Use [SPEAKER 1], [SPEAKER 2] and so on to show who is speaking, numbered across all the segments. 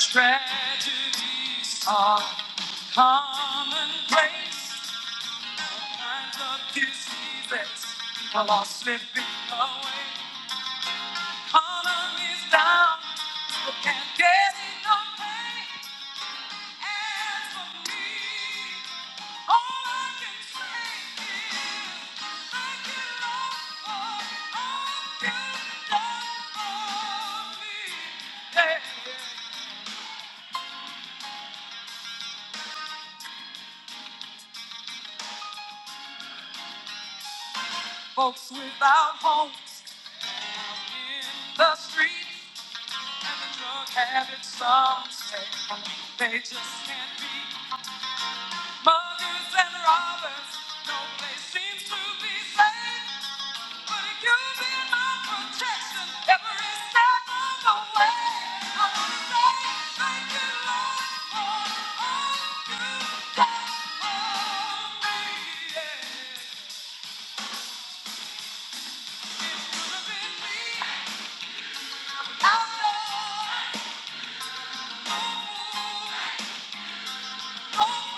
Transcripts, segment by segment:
[SPEAKER 1] Tragedies are commonplace. Times of diseases are all slipping away. Economy's down, people can't get enough pay. As for me, all I can say is thank you, Lord, for all you've done for me. Hey, folks without homes. in the streets and the drug habit some say they just can't be muggers and robbers no place seems to be safe but if you been my protection every step of the way I wanna say thank you Lord for all you did for me yeah. it could have been me I know Oh, Hey!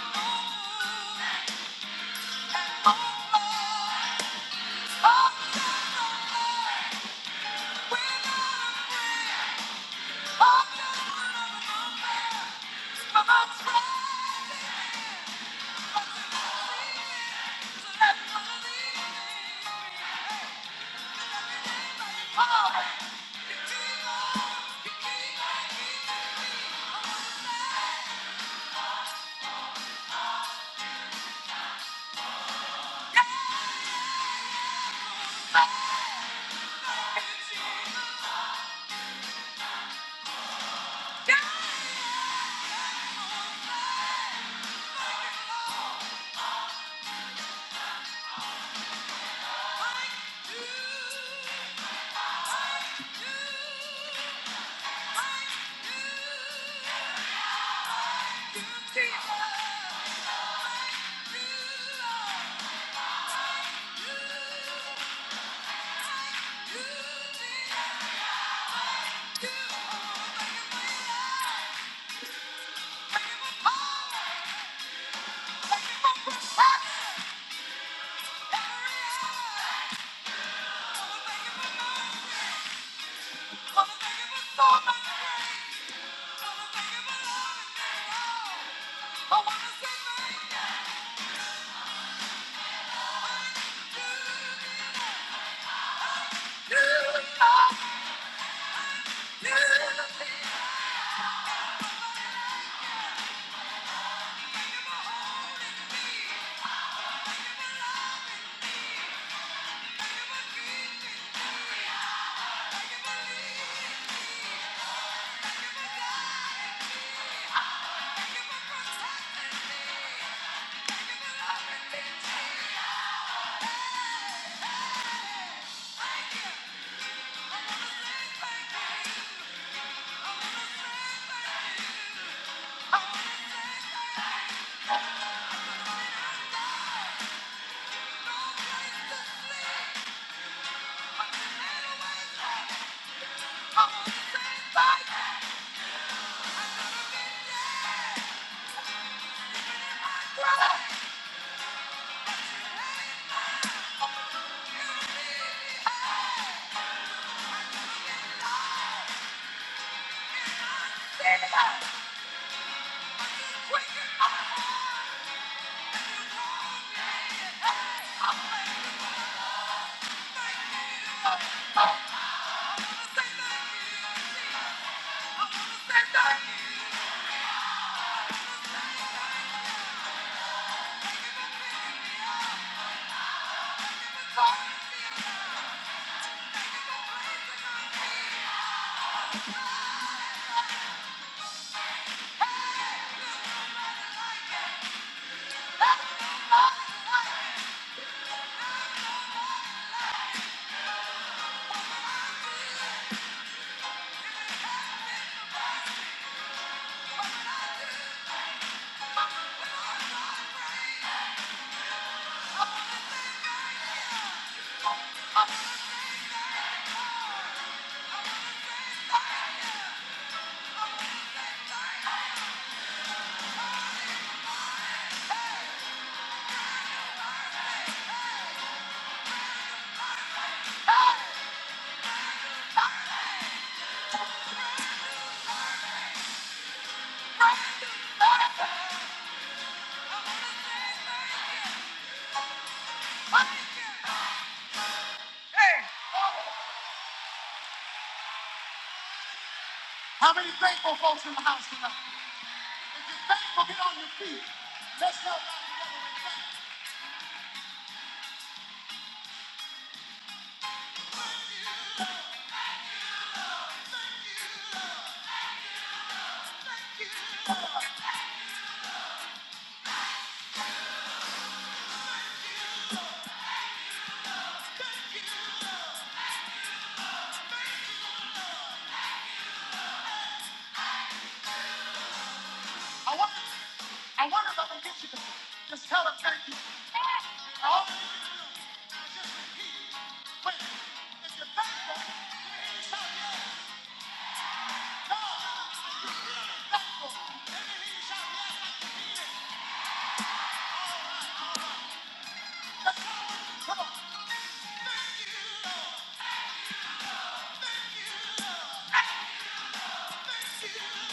[SPEAKER 1] Yeah. Thank you. Thank you. Thank you. Thank you. Hey, how many thankful folks in the house tonight? Well, get on your feet. Let's go. I wonder, I wonder if I can get you to just tell them thank you. Oh, wait. If you're thankful, thank you, the Lord.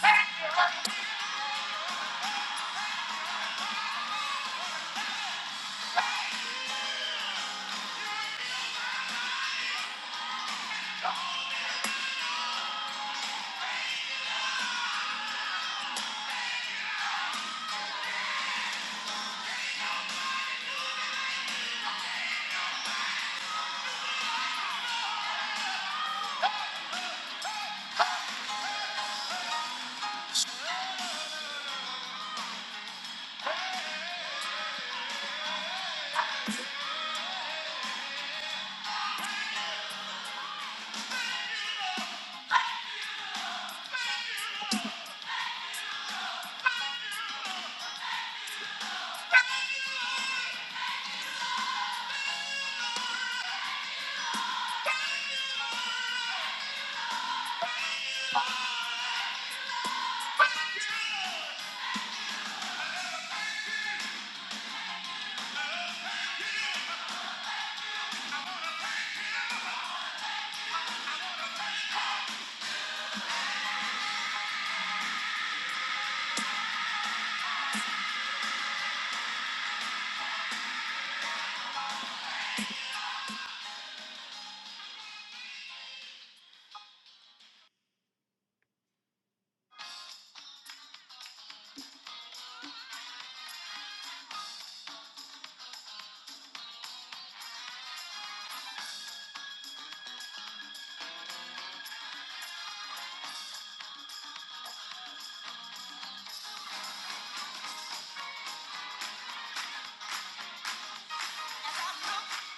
[SPEAKER 1] Thank you. Thank you. Thank you.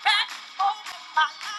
[SPEAKER 1] Thank you. Thank you.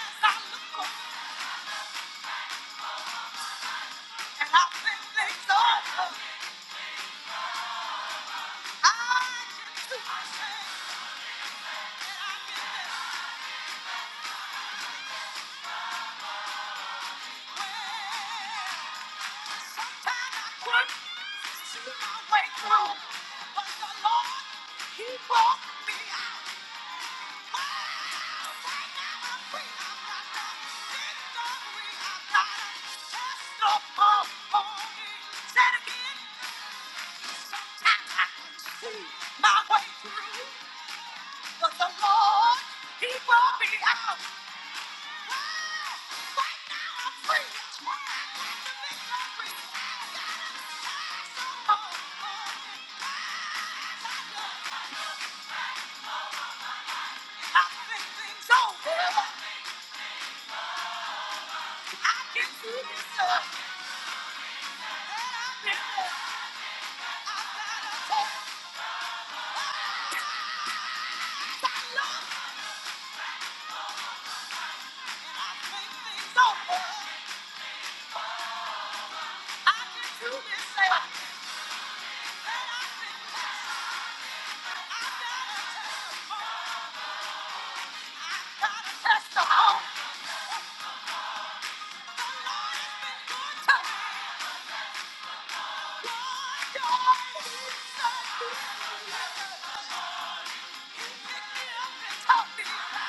[SPEAKER 1] Thank you. My way through, but the Lord, He brought me out. Thank you. pick me up and talk me.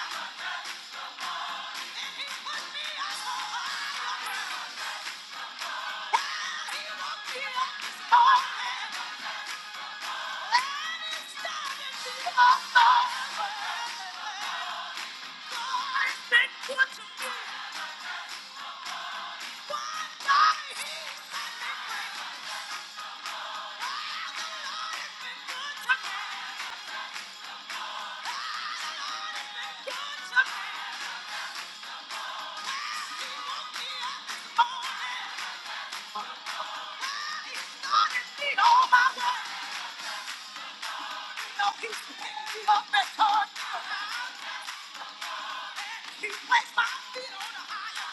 [SPEAKER 1] He placed my feet on a higher.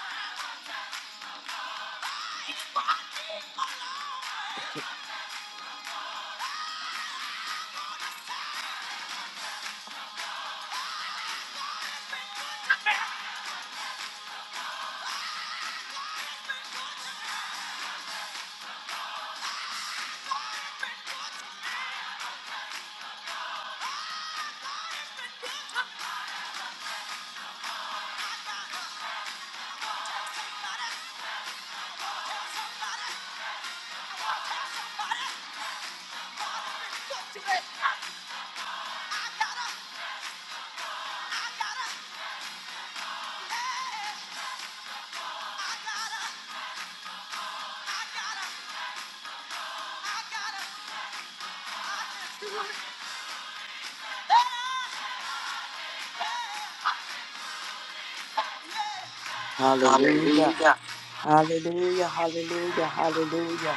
[SPEAKER 1] He
[SPEAKER 2] Hallelujah.
[SPEAKER 1] Hallelujah.
[SPEAKER 2] Hallelujah. Hallelujah. Hallelujah.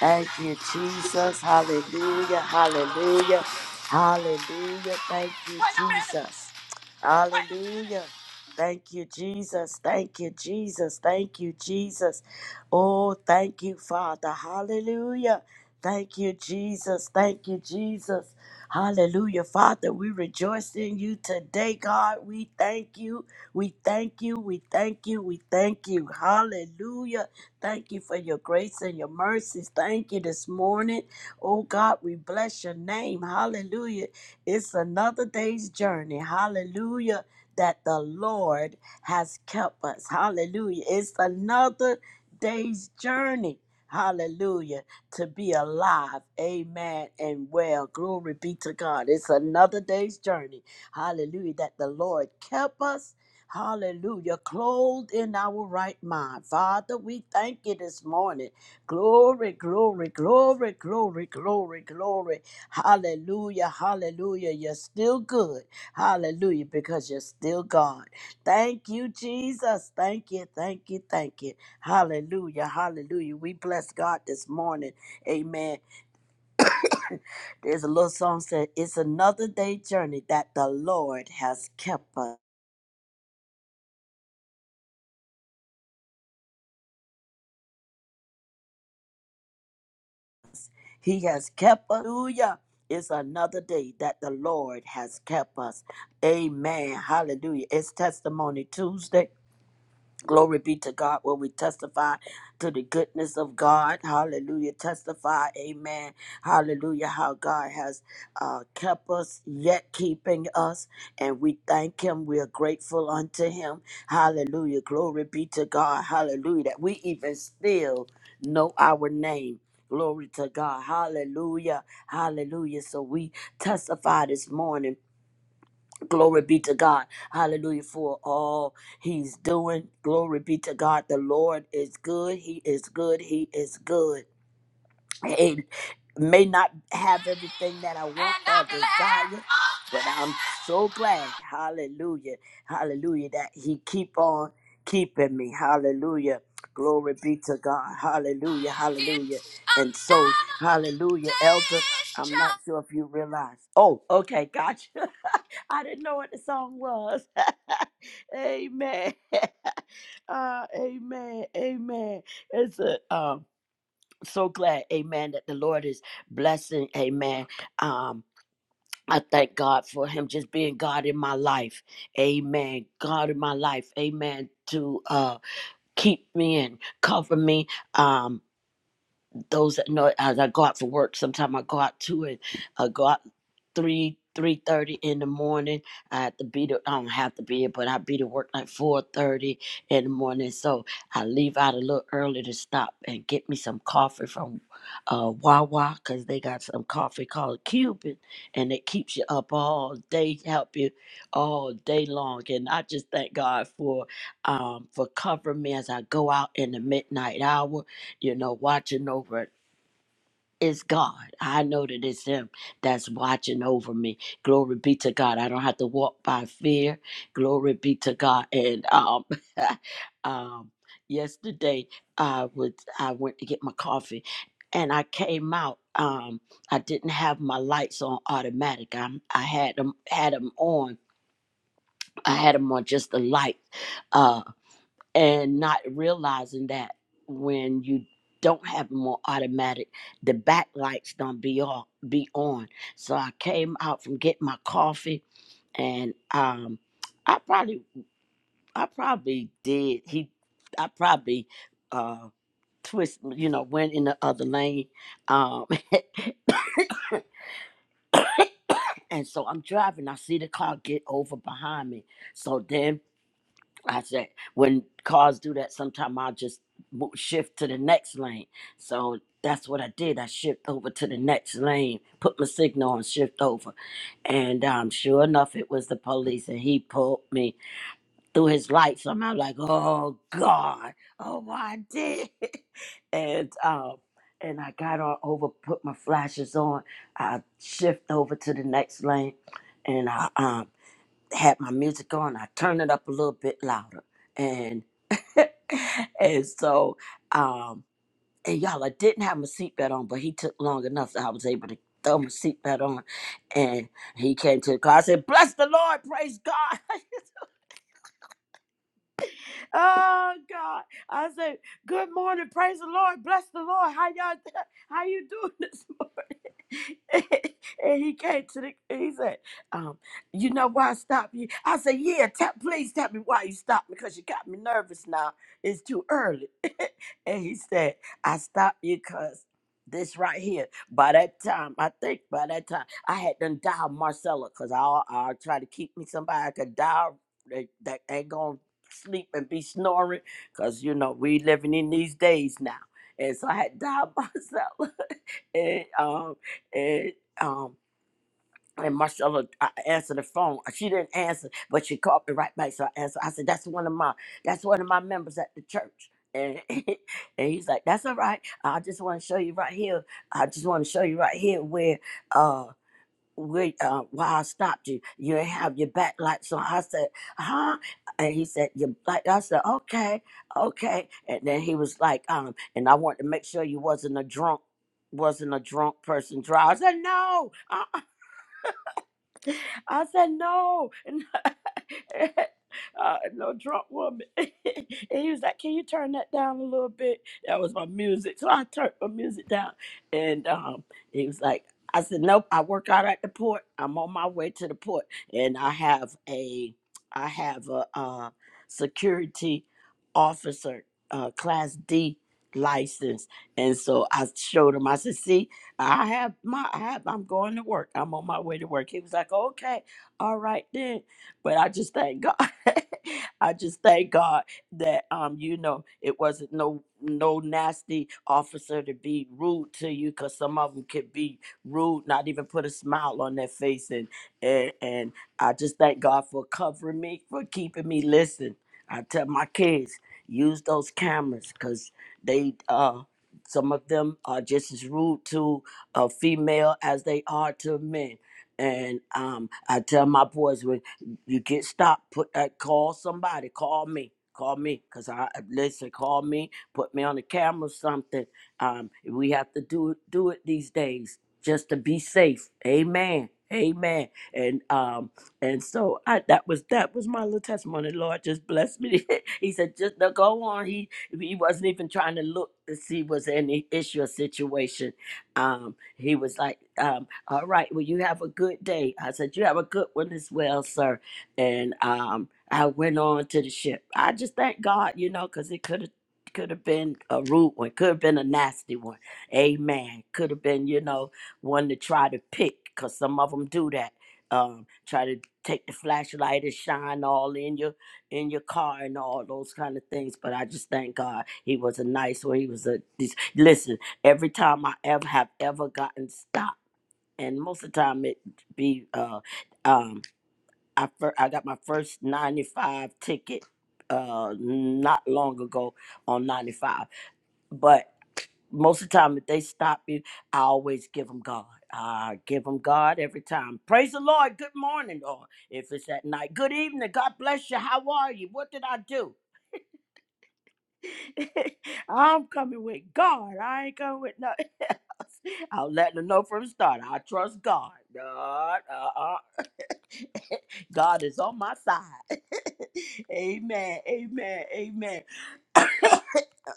[SPEAKER 2] Thank you, Jesus. Hallelujah. Hallelujah. Hallelujah. Thank you,
[SPEAKER 1] Wait a minute.
[SPEAKER 2] Jesus.
[SPEAKER 1] Wait a minute.
[SPEAKER 2] Hallelujah. Thank you, Jesus. Thank you, Jesus. Thank you, Jesus. Oh, thank you, Father. Hallelujah. Thank you, Jesus. Thank you, Jesus. Hallelujah. Father, we rejoice in you today, God. We thank you. We thank you. We thank you. We thank you. Hallelujah. Thank you for your grace and your mercies. Thank you this morning. Oh God, we bless your name. Hallelujah. It's another day's journey. Hallelujah. That the Lord has kept us. Hallelujah. It's another day's journey. Hallelujah. To be alive. Amen. And well, glory be to God. It's another day's journey. Hallelujah. That the Lord kept us Hallelujah. Clothed in our right mind. Father, we thank you this morning. Glory, glory, glory, glory, glory, glory. Hallelujah. Hallelujah. You're still good. Hallelujah. Because you're still God. Thank you, Jesus. Thank you. Thank you. Thank you. Hallelujah. Hallelujah. We bless God this morning. Amen. There's a little song said, It's another day journey that the Lord has kept us. He has kept us. Hallelujah. It's another day that the Lord has kept us. Amen. Hallelujah. It's Testimony Tuesday. Glory be to God, where we testify to the goodness of God. Hallelujah. Testify, amen. Hallelujah, how God has uh, kept us, yet keeping us. And we thank Him. We are grateful unto Him. Hallelujah. Glory be to God. Hallelujah. That we even still know our name. Glory to God. Hallelujah. Hallelujah. So we testify this morning Glory be to God. Hallelujah for all he's doing. Glory be to God. The Lord is good. He is good. He is good. It may not have everything that I want
[SPEAKER 1] And
[SPEAKER 2] or
[SPEAKER 1] I'm
[SPEAKER 2] desire,
[SPEAKER 1] glad
[SPEAKER 2] but I'm so glad, hallelujah, hallelujah, that he keep on keeping me, hallelujah. Glory be to God, hallelujah, hallelujah.
[SPEAKER 1] it's
[SPEAKER 2] And so,
[SPEAKER 1] another
[SPEAKER 2] hallelujah, elder,
[SPEAKER 1] day's
[SPEAKER 2] I'm
[SPEAKER 1] job.
[SPEAKER 2] not sure if you realize. Oh, okay, gotcha. I didn't know what the song was. amen. uh, amen. Amen. It's a um so glad, amen, that the Lord is blessing, amen. Um, I thank God for him just being God in my life. Amen. God in my life. Amen. To uh keep me and cover me. Um those that know as I go out for work, sometimes I go out two and I go out three three thirty in the morning. I have to be to I don't have to be it, but I be to work like four thirty in the morning. So I leave out a little early to stop and get me some coffee from uh Wawa because they got some coffee called Cuban and it keeps you up all day, help you all day long. And I just thank God for um for covering me as I go out in the midnight hour you know, watching over it's God. I know that it's Him that's watching over me. Glory be to God. I don't have to walk by fear. Glory be to God. And um, um, yesterday I would I went to get my coffee, and I came out. Um, I didn't have my lights on automatic. I I had them had them on. I had them on just the light. uh, and not realizing that when you don't have them on automatic, the backlights don't be on. Be on. So I came out from getting my coffee, and um, I probably, I probably did. He, I probably uh, twist, you know, went in the other lane. Um, and so I'm driving. I see the car get over behind me. So then I said when cars do that, sometimes I'll just mo- shift to the next lane. So that's what I did. I shift over to the next lane, put my signal on, shift over, and um, sure enough, it was the police, and he pulled me through his lights. And I'm like, oh God, oh what I did, and um, and I got on over, put my flashes on, I shift over to the next lane, and I um had my music on. I turned it up a little bit louder, and and so um and y'all, I didn't have my seatbelt on, but he took long enough that I was able to throw my seatbelt on, and he came to the car. I said, "Bless the Lord, praise God." Oh God. I said, good morning. Praise the Lord. Bless the Lord. How y'all how you doing this morning? and he came to the he said, um, you know why I stopped you? I said, Yeah, tell please tell me why you stopped me because you got me nervous now. It's too early. and he said, I stopped you because this right here. By that time, I think by that time I had done dial Marcella because I I try to keep me somebody I could dial that, that ain't gonna sleep and be snoring because you know we living in these days now and so i had dialed myself and um and um and Marcella, I answered the phone. She didn't answer, but she called me right back. So I answered. I said, "That's one of my, that's one of my members at the church." And and he's like, "That's all right. I just want to show you right here. I just want to show you right here where uh." wait, uh, why I stopped you. You ain't have your back lights on. I said, huh? And he said, your black. I said, okay, okay. And then he was like, um, and I wanted to make sure you wasn't a drunk, wasn't a drunk person driver. I said, no. uh uh, I said, no. uh, no drunk woman. and he was like, Can you turn that down a little bit? That was my music. So I turned my music down. And um, he was like, I said, Nope, I work out at the port. I'm on my way to the port. And I have a I have a uh, security officer, uh, class D license. And so I showed him, I said, see, I have my I have I'm going to work. I'm on my way to work. He was like, Okay, all right then but I just thank God. I just thank God that um, you know, it wasn't no no nasty officer to be rude to you, cause some of them could be rude, not even put a smile on their face, and and, and I just thank God for covering me, for keeping me. Listen, I tell my kids use those cameras, cause they uh some of them are just as rude to a female as they are to men. And um, I tell my boys, when you get stopped, put that call somebody, call me, call me, cause I listen, call me, put me on the camera, something. Um, we have to do do it these days just to be safe. Amen. Amen. And um and so I that was that was my little testimony. Lord just blessed me. he said, just no, go on. He he wasn't even trying to look to see was any issue or situation. Um he was like, um, all right, well you have a good day. I said, You have a good one as well, sir and um, I went on to the ship. I just thank God, you know, because it could have could have been a rude one, could have been a nasty one. Amen. Could have been, you know, one to try to pick, because some of them do that. Um, try to take the flashlight and shine all in your in your car and all those kind of things. But I just thank God he was a nice one. He was a this, listen. Every time I ever have ever gotten stopped, and most of the time it be uh, um, I fir- I got my first 95 ticket uh not long ago on 95. But most of the time if they stop you, I always give them God. I give them God every time. Praise the Lord. Good morning or if it's at night. Good evening. God bless you. How are you? What did I do? I'm coming with God. I ain't coming with nothing else. I'll let them know from the start. I trust God. God. Uh-uh. God is on my side. amen. Amen. Amen.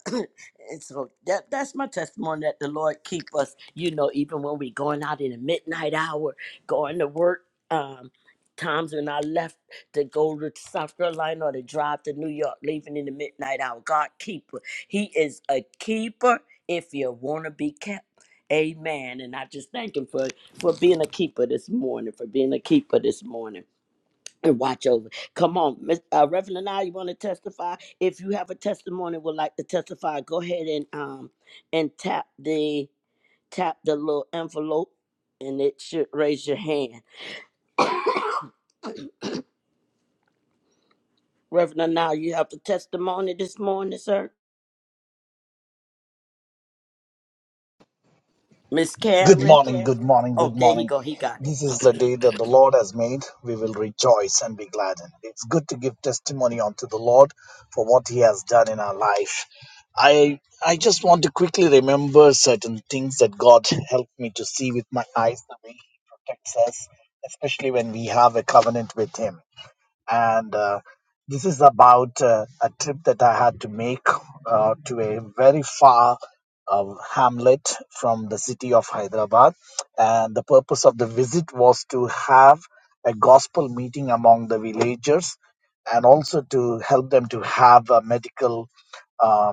[SPEAKER 2] and so that that's my testimony that the Lord keep us, you know, even when we going out in the midnight hour, going to work, um, times when I left to go to South Carolina or to drive to New York, leaving in the midnight hour. God keeper. He is a keeper if you wanna be kept. Amen. And I just thank him for for being a keeper this morning, for being a keeper this morning and watch over. Come on, Miss, uh, Reverend and I, you want to testify? If you have a testimony, would like to testify, go ahead and um and tap the tap the little envelope, and it should raise your hand. Reverend and I, you have the testimony this morning, sir. Miss
[SPEAKER 3] Good
[SPEAKER 2] Karen.
[SPEAKER 3] morning, good morning,
[SPEAKER 2] Oh,
[SPEAKER 3] good
[SPEAKER 2] there he
[SPEAKER 3] morning.
[SPEAKER 2] go. He got it.
[SPEAKER 3] This is the day that the Lord has made. We will rejoice and be glad. in it. It's good to give testimony unto the Lord for what He has done in our life. I I just want to quickly remember certain things that God helped me to see with my eyes, the way He protects us, especially when we have a covenant with Him and uh, this is about uh, a trip that I had to make uh, to a very far uh, hamlet from the city of Hyderabad. And the purpose of the visit was to have a gospel meeting among the villagers and also to help them to have a medical uh,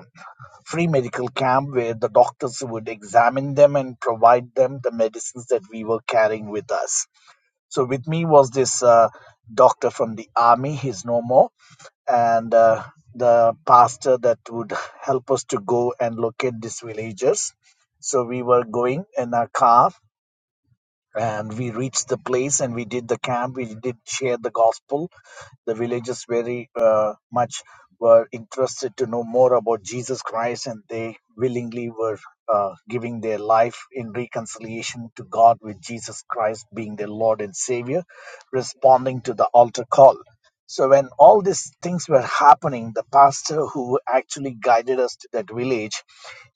[SPEAKER 3] free medical camp where the doctors would examine them and provide them the medicines that we were carrying with us so with me was this uh, doctor from the army. He's no more, and uh, the pastor that would help us to go and locate these villagers. So we were going in a car and we reached the place and we did the camp we did share the gospel the villagers very uh, much were interested to know more about jesus christ and they willingly were uh, giving their life in reconciliation to god with jesus christ being their lord and savior responding to the altar call so when all these things were happening, the pastor who actually guided us to that village,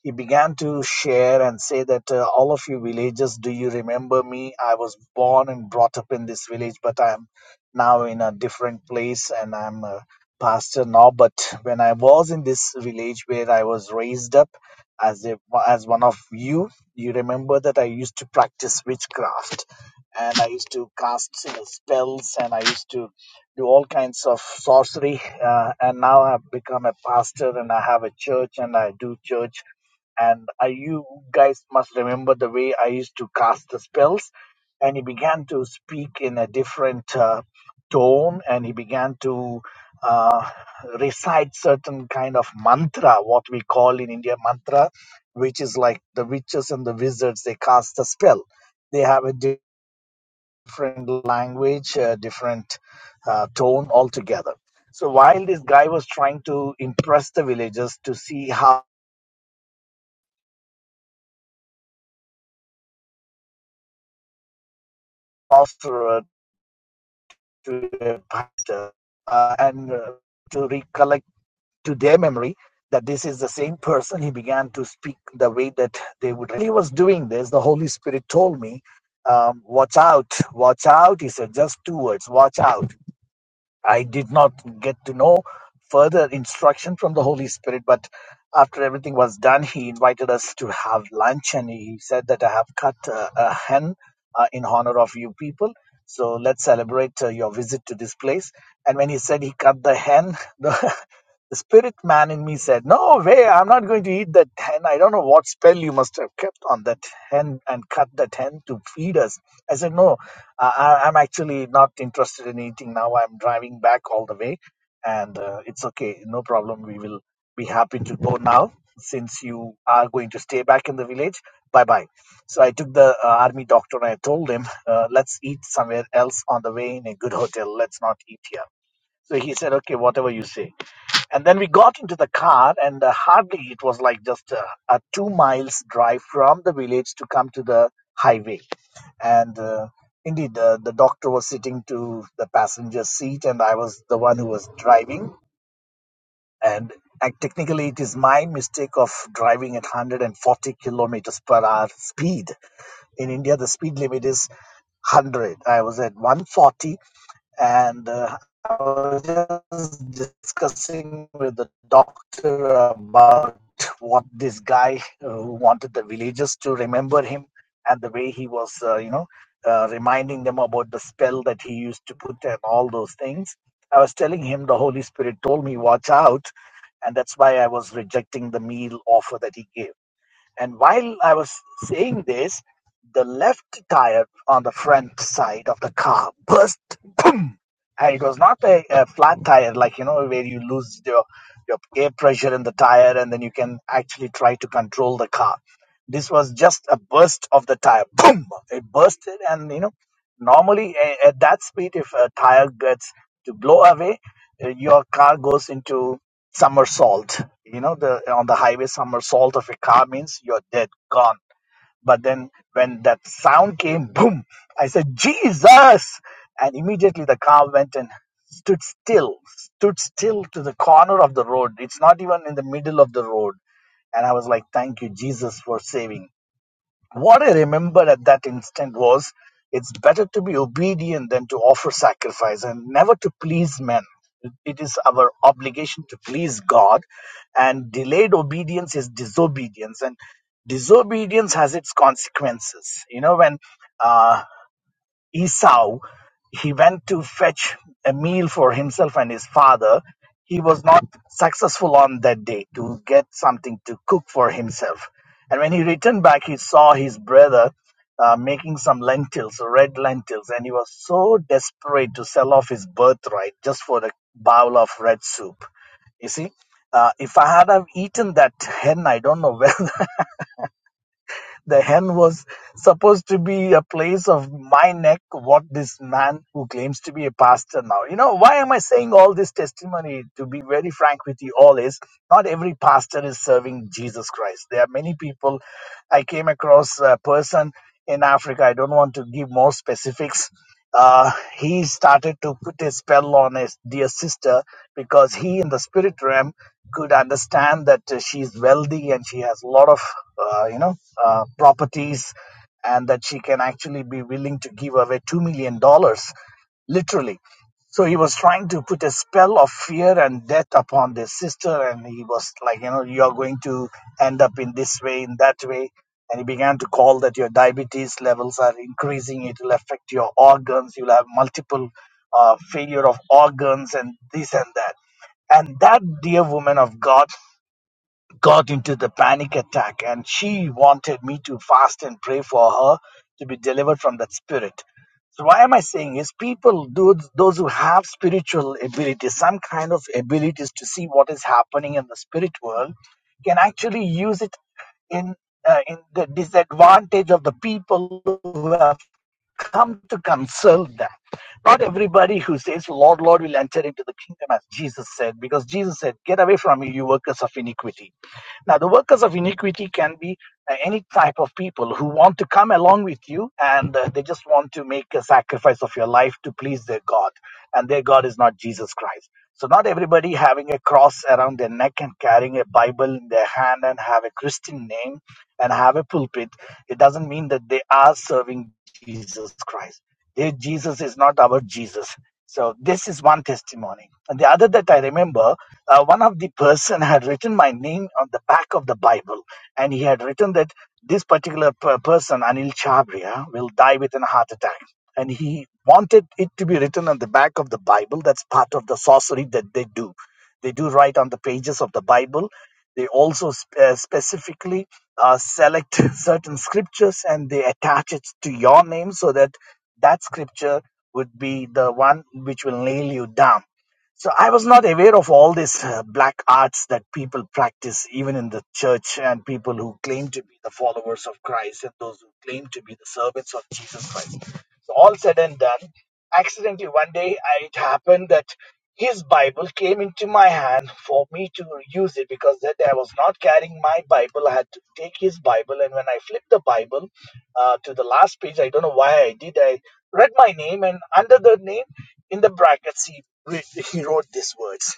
[SPEAKER 3] he began to share and say that uh, all of you villagers, do you remember me? I was born and brought up in this village, but I'm now in a different place and I'm a pastor now. But when I was in this village where I was raised up as a, as one of you, you remember that I used to practice witchcraft and I used to cast you know spells and I used to do all kinds of sorcery. Uh, and now I've become a pastor and I have a church and I do church. And I, you guys must remember the way I used to cast the spells. And he began to speak in a different uh, tone and he began to uh, recite certain kind of mantra, what we call in India mantra, which is like the witches and the wizards, they cast a spell. They have a different language, uh, different uh, tone altogether. So while this guy was trying to impress the villagers to see how after to a pastor uh, and uh, to recollect to their memory that this is the same person, he began to speak the way that they would. He was doing this. The Holy Spirit told me, um, "Watch out, watch out." He said, "Just two words, watch out." I did not get to know further instruction from the Holy Spirit, but after everything was done, he invited us to have lunch and he said that I have cut uh, a hen uh, in honor of you people. So let's celebrate uh, your visit to this place. And when he said he cut the hen, the, the spirit man in me said, No way, I'm not going to eat that hen. I don't know what spell you must have kept on that hen and cut that hen to feed us. I said, No, I, I- I'm actually not interested in eating now. I'm driving back all the way, and uh, it's okay, no problem. We will be happy to go now since you are going to stay back in the village. Bye bye. So I took the uh, army doctor and I told him, uh, let's eat somewhere else on the way in a good hotel. Let's not eat here. So he said, okay, whatever you say. And then we got into the car, and uh, hardly it was like just a, a two miles drive from the village to come to the highway. And uh, indeed, uh, the doctor was sitting to the passenger seat, and I was the one who was driving. And uh, technically, it is my mistake of driving at 140 kilometers per hour speed. In India, the speed limit is 100. I was at 140 and uh, I was just discussing with the doctor about what this guy uh, who wanted the villagers to remember him and the way he was, uh, you know, uh, reminding them about the spell that he used to put and all those things. I was telling him the Holy Spirit told me, watch out. And that's why I was rejecting the meal offer that he gave. And while I was saying this, the left tire on the front side of the car burst. Boom! And it was not a, a flat tire, like you know, where you lose your your air pressure in the tire, and then you can actually try to control the car. This was just a burst of the tire. Boom! It bursted, and you know, normally a, at that speed, if a tire gets to blow away, uh, your car goes into somersault. You know, the on the highway somersault of a car means you're dead, gone. But then when that sound came, boom, I said, Jesus! And immediately the car went and stood still, stood still to the corner of the road. It's not even in the middle of the road. And I was like, thank you, Jesus, for saving what I remembered at that instant was it's better to be obedient than to offer sacrifice and never to please men. it is our obligation to please God, and delayed obedience is disobedience, and disobedience has its consequences. You know, when uh, Esau, he went to fetch a meal for himself and his father. He was not successful on that day to get something to cook for himself. And when he returned back, he saw his brother uh, making some lentils, red lentils, and he was so desperate to sell off his birthright just for a bowl of red soup. You see, uh, if I had have eaten that hen, I don't know where the hen was supposed to be a place of my neck, what this man who claims to be a pastor now. You know, why am I saying all this testimony? To be very frank with you all, is not every pastor is serving Jesus Christ. There are many people. I came across a person in Africa. I don't want to give more specifics. Uh, he started to put a spell on his dear sister because he, in the spirit realm, could understand that uh, she's wealthy and she has a lot of, uh, you know, uh, properties, and that she can actually be willing to give away two million dollars, literally. So he was trying to put a spell of fear and death upon their sister, and he was like, you know, you are going to end up in this way, in that way and he began to call that your diabetes levels are increasing it will affect your organs you'll have multiple uh, failure of organs and this and that and that dear woman of god got into the panic attack and she wanted me to fast and pray for her to be delivered from that spirit so why am i saying is people those those who have spiritual abilities some kind of abilities to see what is happening in the spirit world can actually use it in uh, in the disadvantage of the people who have come to console them. Not everybody who says, Lord, Lord, will enter into the kingdom, as Jesus said, because Jesus said, Get away from me, you workers of iniquity. Now, the workers of iniquity can be uh, any type of people who want to come along with you and uh, they just want to make a sacrifice of your life to please their God. And their God is not Jesus Christ. So, not everybody having a cross around their neck and carrying a Bible in their hand and have a Christian name and have a pulpit, it doesn't mean that they are serving Jesus Christ. Their Jesus is not our Jesus. So this is one testimony. And the other that I remember, uh, one of the person had written my name on the back of the Bible, and he had written that this particular per- person, Anil Chabria, will die with a heart attack. And he wanted it to be written on the back of the Bible. That's part of the sorcery that they do. They do write on the pages of the Bible they also sp- uh, specifically uh, select certain scriptures and they attach it to your name so that that scripture would be the one which will nail you down. So I was not aware of all these uh, black arts that people practice, even in the church, and people who claim to be the followers of Christ and those who claim to be the servants of Jesus Christ. So all said and done, accidentally one day I, it happened that his bible came into my hand for me to use it because that i was not carrying my bible i had to take his bible and when i flipped the bible uh, to the last page i don't know why i did i read my name and under the name in the brackets he, re- he wrote these words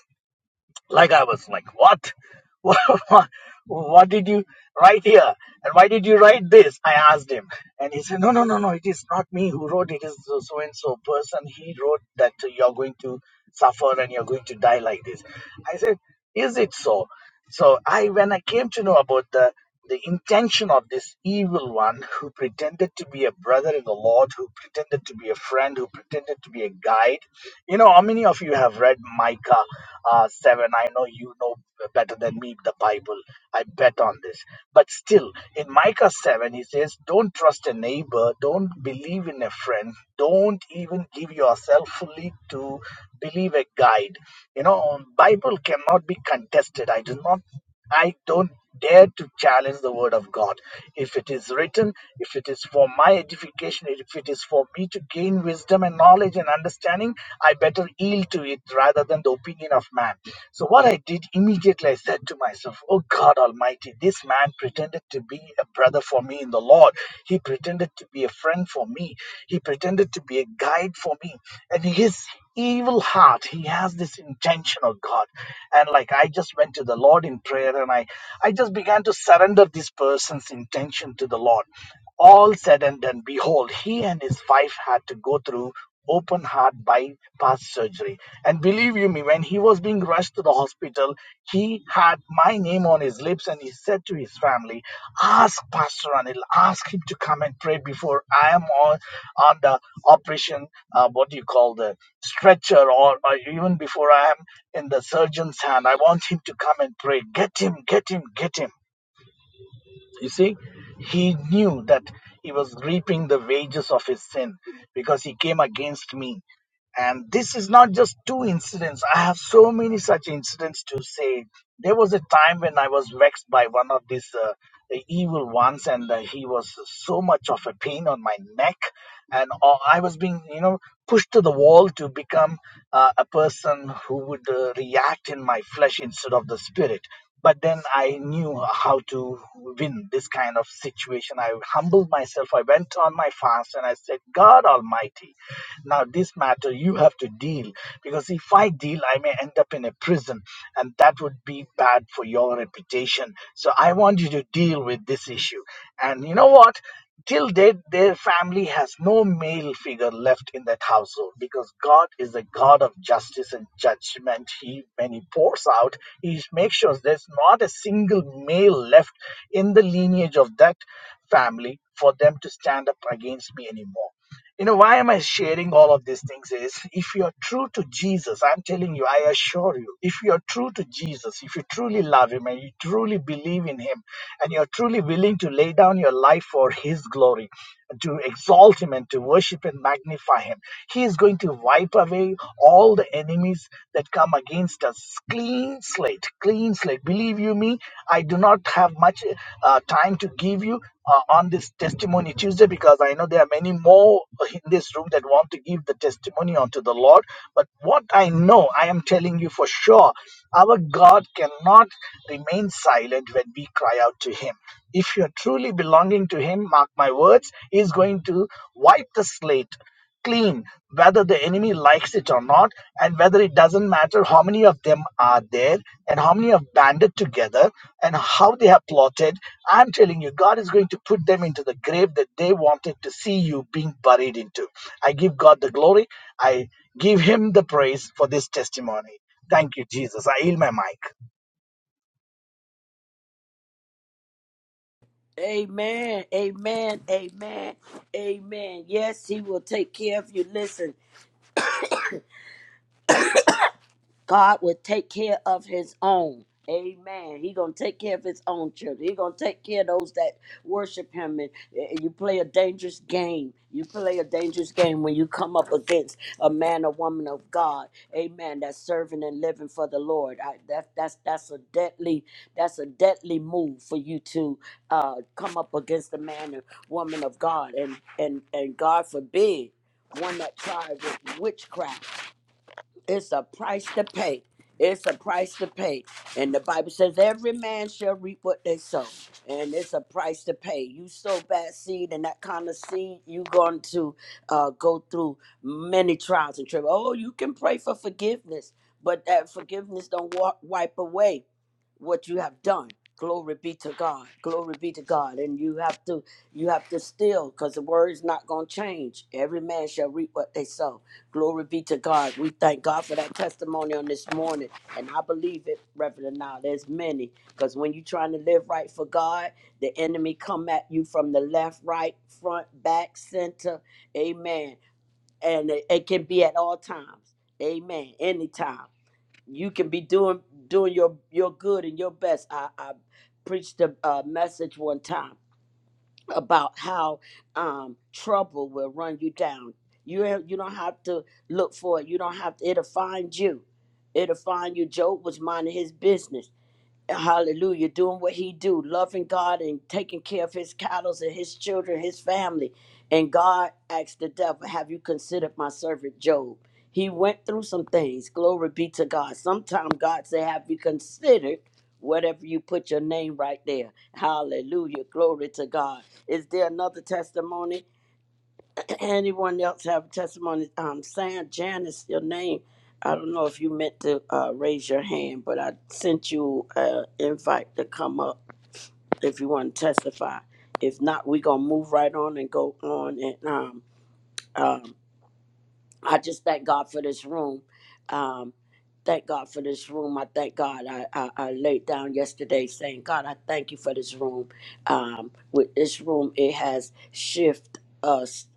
[SPEAKER 3] like i was like what what what did you write here and why did you write this i asked him and he said no no no no it is not me who wrote it It is so and so person he wrote that you're going to suffer and you're going to die like this i said is it so so i when i came to know about the the intention of this evil one who pretended to be a brother in the lord who pretended to be a friend who pretended to be a guide you know, how many of you have read Micah uh, 7? I know you know better than me the Bible. I bet on this. But still, in Micah 7, he says, Don't trust a neighbor. Don't believe in a friend. Don't even give yourself fully to believe a guide. You know, Bible cannot be contested. I do not. I don't dare to challenge the word of God. If it is written, if it is for my edification, if it is for me to gain wisdom and knowledge and understanding, I better yield to it rather than the opinion of man. So, what I did immediately, I said to myself, Oh God Almighty, this man pretended to be a brother for me in the Lord. He pretended to be a friend for me. He pretended to be a guide for me. And his evil heart he has this intention of god and like i just went to the lord in prayer and i i just began to surrender this person's intention to the lord all said and done behold he and his wife had to go through open heart bypass surgery and believe you me when he was being rushed to the hospital, he had my name on his lips and he said to his family, Ask Pastor Anil, ask him to come and pray before I am on, on the operation, uh, what do you call the stretcher, or, or even before I am in the surgeon's hand. I want him to come and pray. Get him, get him, get him. You see, he knew that he was reaping the wages of his sin because he came against me and this is not just two incidents. I have so many such incidents to say. There was a time when I was vexed by one of these uh, evil ones, and uh, he was so much of a pain on my neck, and uh, I was being, you know, pushed to the wall to become uh, a person who would uh, react in my flesh instead of the spirit. But then I knew how to win this kind of situation. I humbled myself. I went on my fast, and I said, "God Almighty." Now, this matter you have to deal because if I deal, I may end up in a prison, and that would be bad for your reputation. So, I want you to deal with this issue. And you know what? Till date, their family has no male figure left in that household because God is a God of justice and judgment. He, when He pours out, He makes sure there's not a single male left in the lineage of that family for them to stand up against me anymore. You know, why am I sharing all of these things? Is if you're true to Jesus, I'm telling you, I assure you, if you're true to Jesus, if you truly love Him and you truly believe in Him, and you're truly willing to lay down your life for His glory, to exalt Him and to worship and magnify Him, He is going to wipe away all the enemies that come against instance clean slate clean slate believe you me i do not have much uh, time to give you uh, on this testimony tuesday because i know there are many more in this room that want to give the testimony unto the lord but what i know i am telling you for sure our god cannot remain silent when we cry out to him if you're truly belonging to him mark my words he's going to wipe the slate clean, whether the enemy likes it or not, and whether it doesn't matter how many of them are there and how many have banded together and how they have plotted. I'm telling you, God is going to put them into the grave that they wanted to see you being buried into. I give God the glory. I give Him the praise for this testimony. Thank you, Jesus. I yield my mic.
[SPEAKER 2] Amen. Amen. Amen. Amen. Yes, he will take care of you. Listen, God would take care of his own. Amen. He gonna take care of his own children. He gonna take care of those that worship him. And, and you play a dangerous game. You play a dangerous game when you come up against a man or woman of God. Amen. That's serving and living for the Lord. I, that that's that's a deadly that's a deadly move for you to uh, come up against a man or woman of God. And and and God forbid one that tried with witchcraft. It's a price to pay. It's a price to pay. And the Bible says every man shall reap what they sow. And it's a price to pay. You sow bad seed and that kind of seed, you're going to uh, go through many trials and tribulations. Oh, you can pray for forgiveness, but that forgiveness don't wa- wipe away what you have done. Glory be to God. Glory be to God. And you have to you have to still because the word is not going to change. Every man shall reap what they sow Glory be to God. We thank God for that testimony on this morning. And I believe it, Reverend. Now, there's many. Because when you're trying to live right for God, the enemy come at you from the left, right, front, back, center. Amen. And it, it can be at all times. Amen. Anytime. You can be doing doing your, your good and your best. I, I preached a uh, message one time about how um, trouble will run you down. You ha- you don't have to look for it. You don't have to. It'll find you. It'll find you. Job was minding his business hallelujah doing what he do loving god and taking care of his cattle and his children his family and god asked the devil have you considered my servant job he went through some things glory be to god sometimes god say have you considered whatever you put your name right there hallelujah glory to god is there another testimony anyone else have a testimony? Um, Sam Janice, your name. I don't know if you meant to uh, raise your hand, but I sent you an invite to come up if you want to testify. If not, we're going to move right on and go on and um, um, I just thank God for this room. Um, thank God for this room. I thank God. I, I, I laid down yesterday saying, God, I thank you for this room. Um, with this room, it has shifted us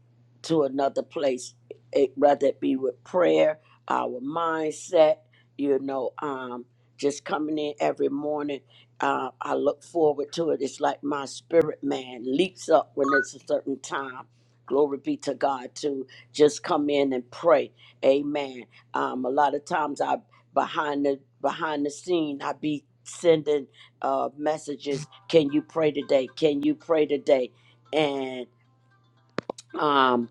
[SPEAKER 2] to another place, it, whether it be with prayer, our mindset, you know, um, just coming in every morning. Uh, I look forward to it. It's like my spirit man leaps up when it's a certain time. Glory be to God, too just come in and pray. Amen. Um, a lot of times I behind the behind the scene I be sending uh messages. Can you pray today? Can you pray today? And um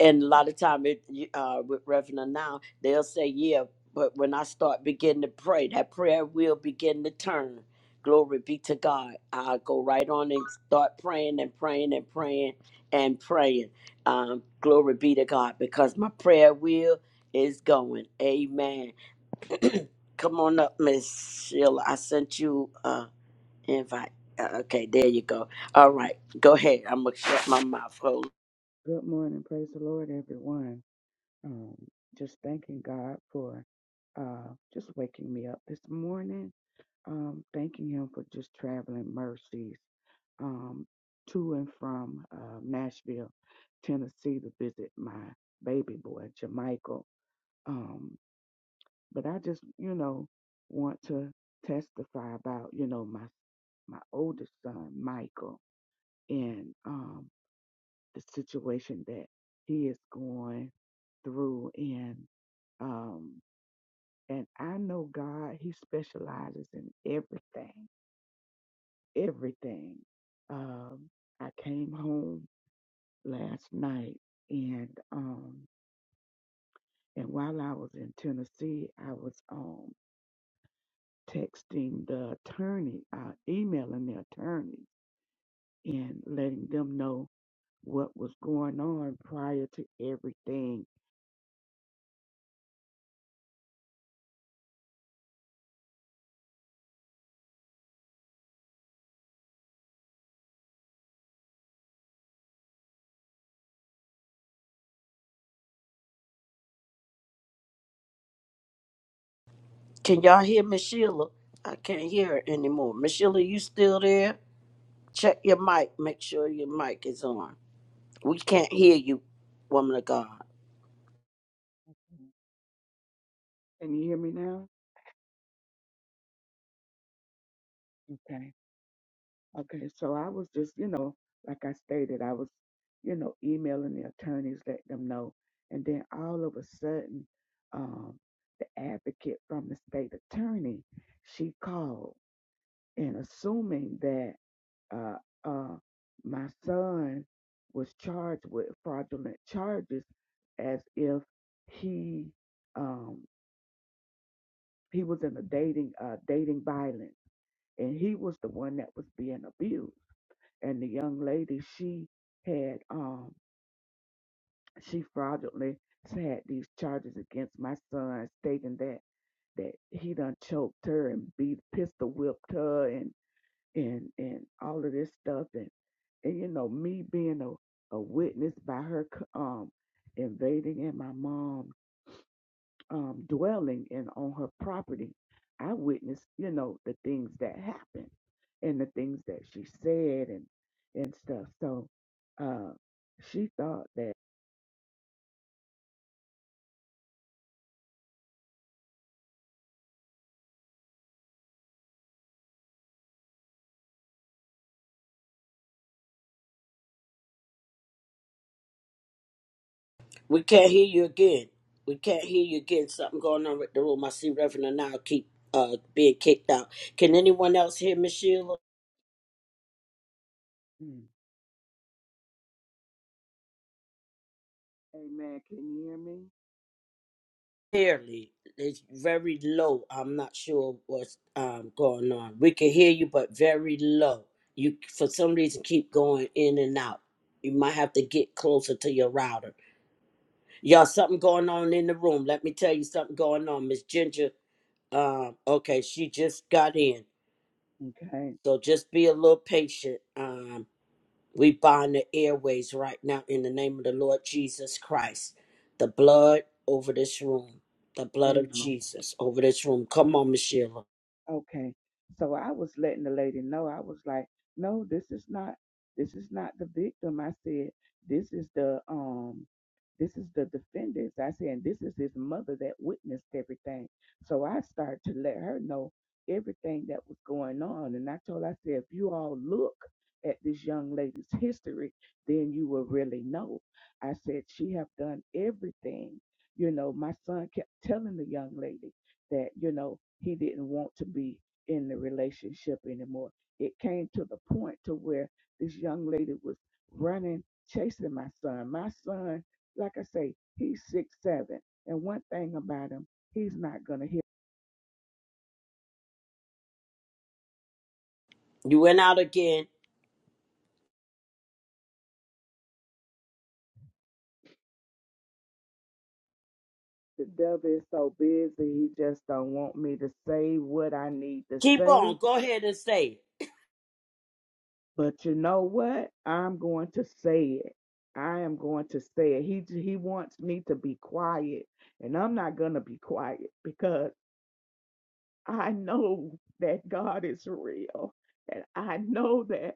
[SPEAKER 2] and a lot of time it, uh, with Reverend now, they'll say, "Yeah," but when I start begin to pray, that prayer will begin to turn. Glory be to God. I go right on and start praying and praying and praying and praying. Um, glory be to God because my prayer wheel is going. Amen. Come on up, Miss Sheila. I sent you an uh, invite. Uh, okay, there you go. All right, go ahead. I'm gonna shut my mouth.
[SPEAKER 4] Good morning. Praise the Lord, everyone. Um, just thanking God for uh, just waking me up this morning. Um, thanking Him for just traveling mercies um, to and from uh, Nashville, Tennessee to visit my baby boy, Jamichael. Um, but I just, you know, want to testify about, you know, my, my oldest son, Michael. And um, the situation that he is going through and um and I know God he specializes in everything everything um I came home last night and um and while I was in Tennessee I was um texting the attorney uh emailing the attorney and letting them know what was going on prior to everything
[SPEAKER 2] Can y'all hear Miss Sheila? I can't hear her anymore. Miss Sheila, you still there? Check your mic. Make sure your mic is on. We can't hear you, woman of God.
[SPEAKER 4] can you hear me now Okay. Okay, so I was just, you know, like I stated, I was, you know, emailing the attorneys, letting them know. And then all of a sudden, um, the advocate from the state attorney, she called and assuming that uh, uh, my son was charged with fraudulent charges as if he um, he was in a dating uh, dating violence and he was the one that was being abused. and the young lady she had um she fraudulently had these charges against my son stating that that he done choked her and beat pistol whipped her and and and all of this stuff and and you know me being a, a witness by her c- um invading in my mom um, dwelling and on her property, I witnessed, you know, the things that happened and the things that she said and and stuff. So uh, she thought that.
[SPEAKER 2] We can't hear you again. We can't hear you again. Something going on with the room. I see Reverend and I keep uh being kicked out. Can anyone else hear Miss Sheila?
[SPEAKER 4] Mm. Amen. Can you hear me?
[SPEAKER 2] clearly. It's very low. I'm not sure what's um, going on. We can hear you, but very low. You, for some reason, keep going in and out. You might have to get closer to your router. Y'all, something going on in the room. Let me tell you something going on. Miss Ginger um okay she just got in
[SPEAKER 4] Okay.
[SPEAKER 2] so just be a little patient Um. We bind the airways right now in the name of the Lord Jesus Christ. The blood over this room. The blood of
[SPEAKER 4] Amen.
[SPEAKER 2] Jesus over this room. Come on, Miss Sheila.
[SPEAKER 4] Okay. So I was letting the lady know. I was like, no, this is not this is not the victim. I said, this is the um this is the defendants. I said, and this is his mother that witnessed everything. So I started to let her know everything that was going on. And I told her, I said, if you all look at this young lady's history, then you will really know. I said, she have done everything. You know, my son kept telling the young lady that you know he didn't want to be in the relationship anymore it came to the point to where this young lady was running chasing my son my son like i say he's six seven and one thing about him he's not gonna hear
[SPEAKER 2] You went out again.
[SPEAKER 4] the devil is so busy he just don't want me to say what i need to
[SPEAKER 2] Keep on.
[SPEAKER 4] say
[SPEAKER 2] Go ahead and say
[SPEAKER 4] but you know what i'm going to say it i am going to say it he he wants me to be quiet and i'm not gonna be quiet because. I know that God is real. And I know that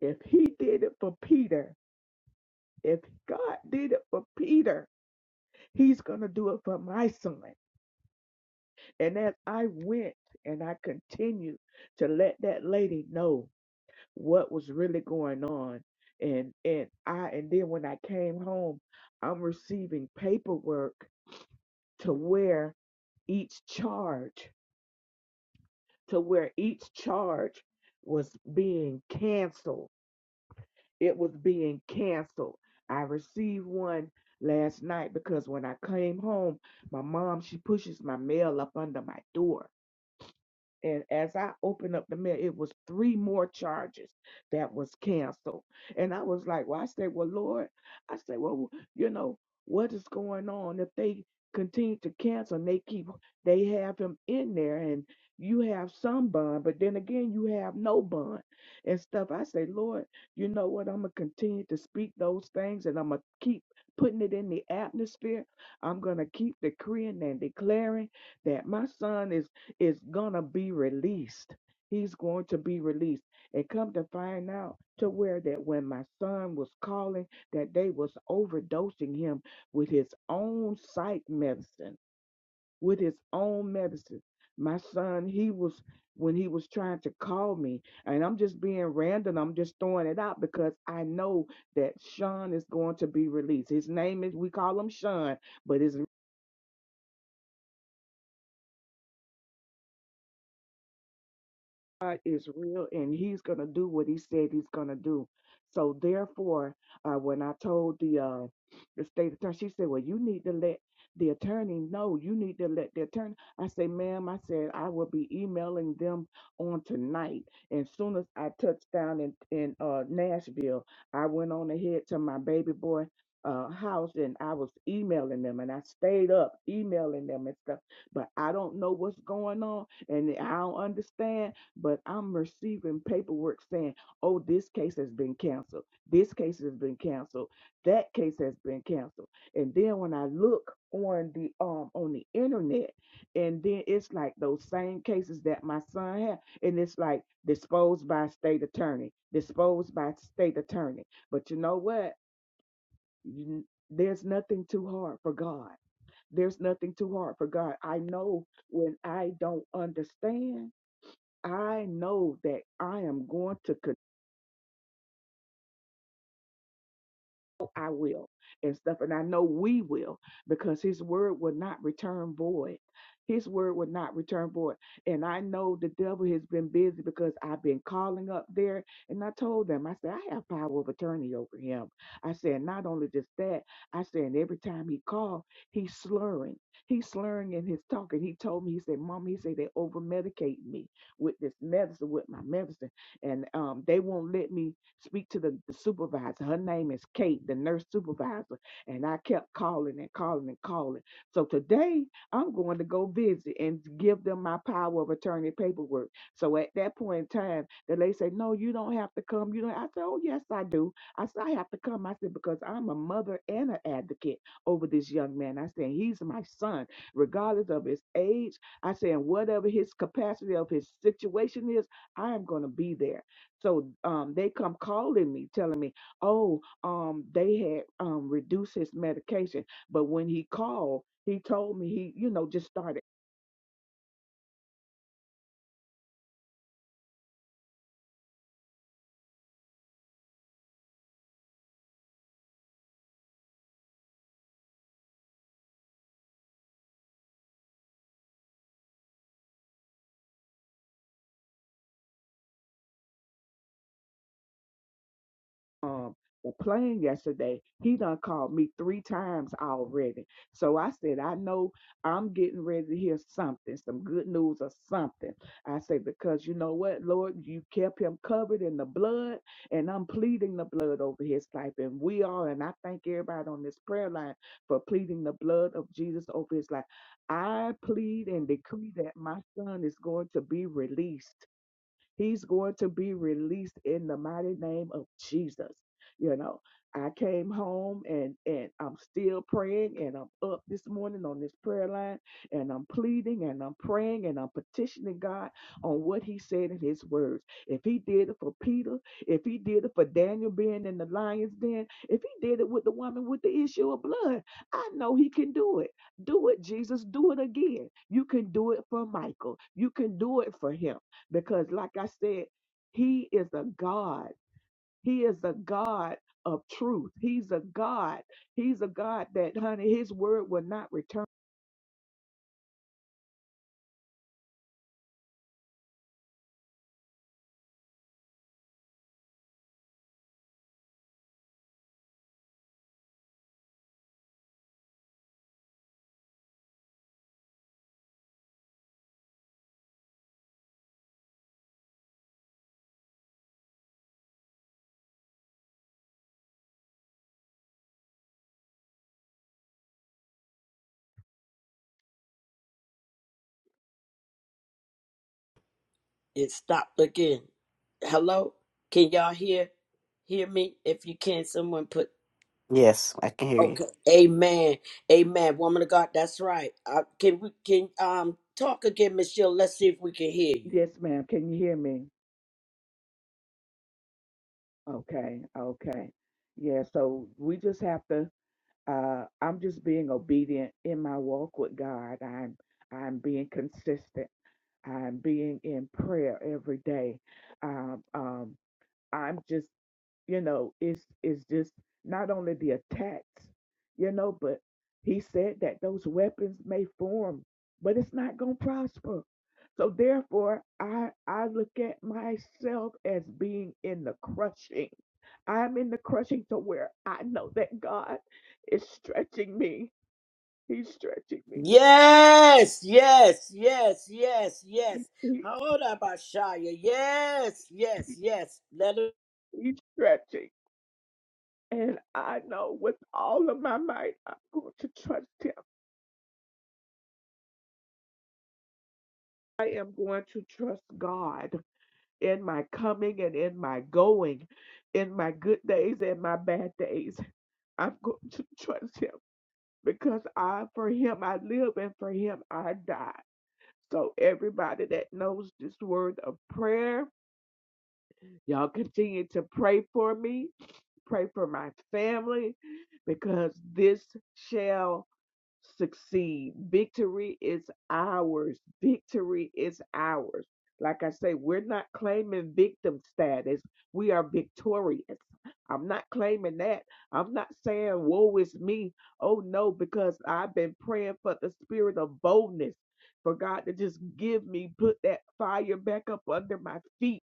[SPEAKER 4] if he did it for Peter, if God did it for Peter, he's going to do it for my son. And as I went and I continued to let that lady know what was really going on. And and I and then when I came home, I'm receiving paperwork to where each charge, to where each charge was being canceled it was being canceled. I received one last night because when I came home, my mom she pushes my mail up under my door. And as I opened up the mail, it was three more charges that was canceled. And I was like, well, I said, well, Lord, I said, well, you know, what is going on if they continue to cancel and they keep, they have him in there and you have some bond, but then again, you have no bond and stuff. I say, Lord, you know what? I'm going to continue to speak those things and I'm going to keep putting it in the atmosphere. I'm going to keep decreeing and declaring that my son is is gonna be released. He's going to be released. And come to find out to where that when my son was calling that they was overdosing him with his own psych medicine, with his own medicine. My son, he was when he was trying to call me, and I'm just being random, I'm just throwing it out because I know that Sean is going to be released. His name is we call him Sean, but his God is real and he's going to do what he said he's going to do. So therefore, uh, when I told the uh, the state attorney, she said, "Well, you need to let the attorney know. You need to let the attorney." I said, "Ma'am, I said I will be emailing them on tonight. And soon as I touched down in in uh, Nashville, I went on ahead to my baby boy." Uh, house and I was emailing them and I stayed up emailing them and stuff, but I don't know what's going on and I don't understand but I'm receiving paperwork saying, oh, this case has been canceled. This case has been canceled. That case has been canceled. And then when I look on the um on the internet, and then it's like those same cases that my son had, and it's like disposed by state attorney, disposed by state attorney. But you know what? You- There's nothing too hard for God. There's nothing too hard for God. I know when I don't understand I know that I am going to I will and stuff. And I know we will because his word will not return void. His word will not return void. And I know the devil has been busy because I've been calling up there. And I told them, I said, I have power of attorney over him. I said, not only just that, I said, and every time he called, he's slurring. He's slurring in his talk. And he told me, he said, "Mama, he said, they over medicate me with this medicine, with my medicine. And um, they won't let me. Speak to the, the supervisor. Her name is Kate, the nurse supervisor. And I kept calling and calling and calling. So today I'm going to go visit and give them my power of attorney paperwork. So at that point in time, the lady said, No, you don't have to come. You don't I said, Oh yes, I do. I said, I have to come. I said, because I'm a mother and an advocate over this young man. I said, he's my son, regardless of his age. I said, and whatever his capacity of his situation is, I am going to be there. So um, they come calling me, telling me, "Oh, um, they had um, reduced his medication." But when he called, he told me he, you know, just started um were playing yesterday, he done called me three times already. So I said, I know I'm getting ready to hear something, some good news or something. I said, because you know what, Lord, you kept him covered in the blood, and I'm pleading the blood over his life. And we are, and I thank everybody on this prayer line for pleading the blood of Jesus over his life. I plead and decree that my son is going to be released He's going to be released in the mighty name of Jesus. You know, I came home and and I'm still praying and I'm up this morning on this prayer line and I'm pleading and I'm praying and I'm petitioning God on what he said in his words. If he did it for Peter, if he did it for Daniel being in the lion's den, if he did it with the woman with the issue of blood, I know he can do it. Do it, Jesus. Do it again. You can do it for Michael. You can do it for him because like i said he is a god he is a god of truth he's a god he's a god that honey his word will not return
[SPEAKER 2] it. It stopped again. Hello? Can y'all hear? Hear me? If you can, someone put
[SPEAKER 5] Yes, I can hear you.
[SPEAKER 2] Okay. Amen. Amen. Woman of God, that's right. Uh, can we can um talk again, Miss Sheila? Let's see if we can hear you.
[SPEAKER 4] yes ma'am can you hear me okay okay yeah so we just have to uh i'm just being obedient in my walk with god i'm i'm being consistent i'm being in prayer every day um um i'm just you know, it's it's just not only the attacks, you know, but he said that those weapons may form, but it's not gonna prosper. So therefore, I I look at myself as being in the crushing. I'm in the crushing to where I know that God is stretching me. He's stretching me.
[SPEAKER 2] Yes, yes, yes, yes, yes.
[SPEAKER 4] He,
[SPEAKER 2] How about Shia? Yes, yes, yes. Let
[SPEAKER 4] he's stretching. And I know with all of my might, I'm going to trust him. I am going to trust God. in my coming and in my going, in my good days and my bad days. I'm going to trust him because I for him I live and for him I die. So everybody that knows this word of prayer, y'all continue to pray for me, pray for my family because this shall succeed. Victory is ours. Victory is ours. Like I say, we're not claiming victim status. We are victorious. I'm not claiming that. I'm not saying, woe is me. Oh no, because I've been praying for the spirit of boldness, for God to just give me, put that fire back up under my feet,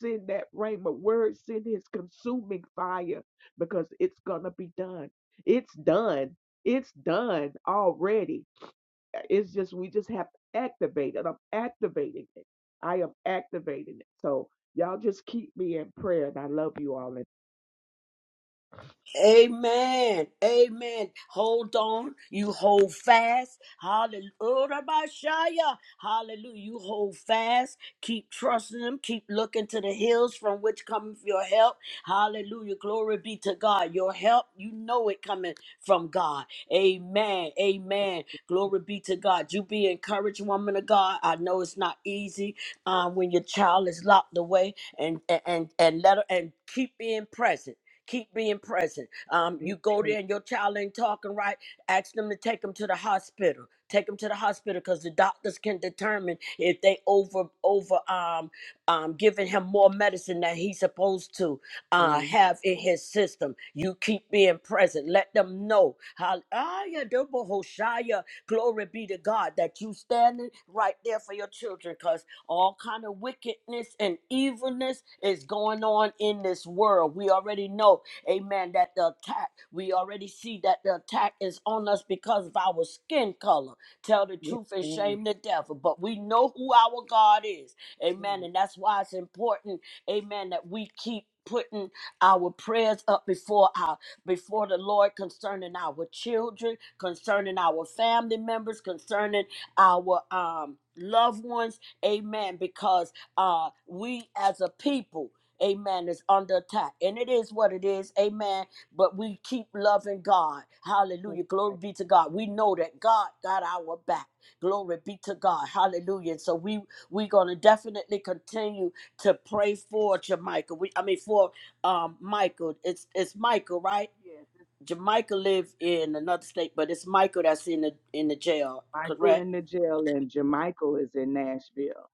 [SPEAKER 4] send that rain word, send his consuming fire, because it's going to be done. It's done. It's done already. Uh, It's just we just have to activate it. I'm activating it. I am activating it. So y'all just keep me in prayer, and I love you all. And
[SPEAKER 2] Amen. Amen. Hold on. You hold fast. Hallelujah. Hallelujah. You hold fast. Keep trusting Him. Keep looking to the hills from which cometh your help. Hallelujah. Glory be to God. Your help, you know it coming from God. Amen. Amen. Glory be to God. You be encouraged, woman of God. I know it's not easy um, when your child is locked away and and and let her and keep being present. Keep being present. Um,
[SPEAKER 4] yes,
[SPEAKER 2] you go
[SPEAKER 4] yes,
[SPEAKER 2] there and your child ain't talking right. Ask them to take them to the hospital. Take them to the hospital because the doctors can determine if they over over um um giving him more medicine than he's supposed to uh
[SPEAKER 4] ma'am.
[SPEAKER 2] have in his system. You keep being present. Let them know. how ah yeah. double Hoshaya. Glory be to God that you standing right there for your children. cause all kind of wickedness and evilness is going on in this world we already know amen that the attack we already see that the attack is on us because of our skin color tell the
[SPEAKER 4] yes,
[SPEAKER 2] truth and
[SPEAKER 4] ma'am.
[SPEAKER 2] shame the devil but we know who our god is
[SPEAKER 4] yes,
[SPEAKER 2] amen and that's why it's important amen that we keep putting our prayers up before our before the lord concerning our children concerning our family members concerning our um loved ones amen because uh we as a people amen is under attack and it is what it is amen but we keep loving god
[SPEAKER 4] yes.
[SPEAKER 2] hallelujah glory be to god we know that god got our back glory be to god hallelujah And so we we gonna definitely continue to pray for jamaica we i mean for um michael it's it's michael right
[SPEAKER 4] yes.
[SPEAKER 2] jamaica live in another state but it's michael that's in the in the jail correct
[SPEAKER 4] Michael in the jail, and Jermichael is in Nashville.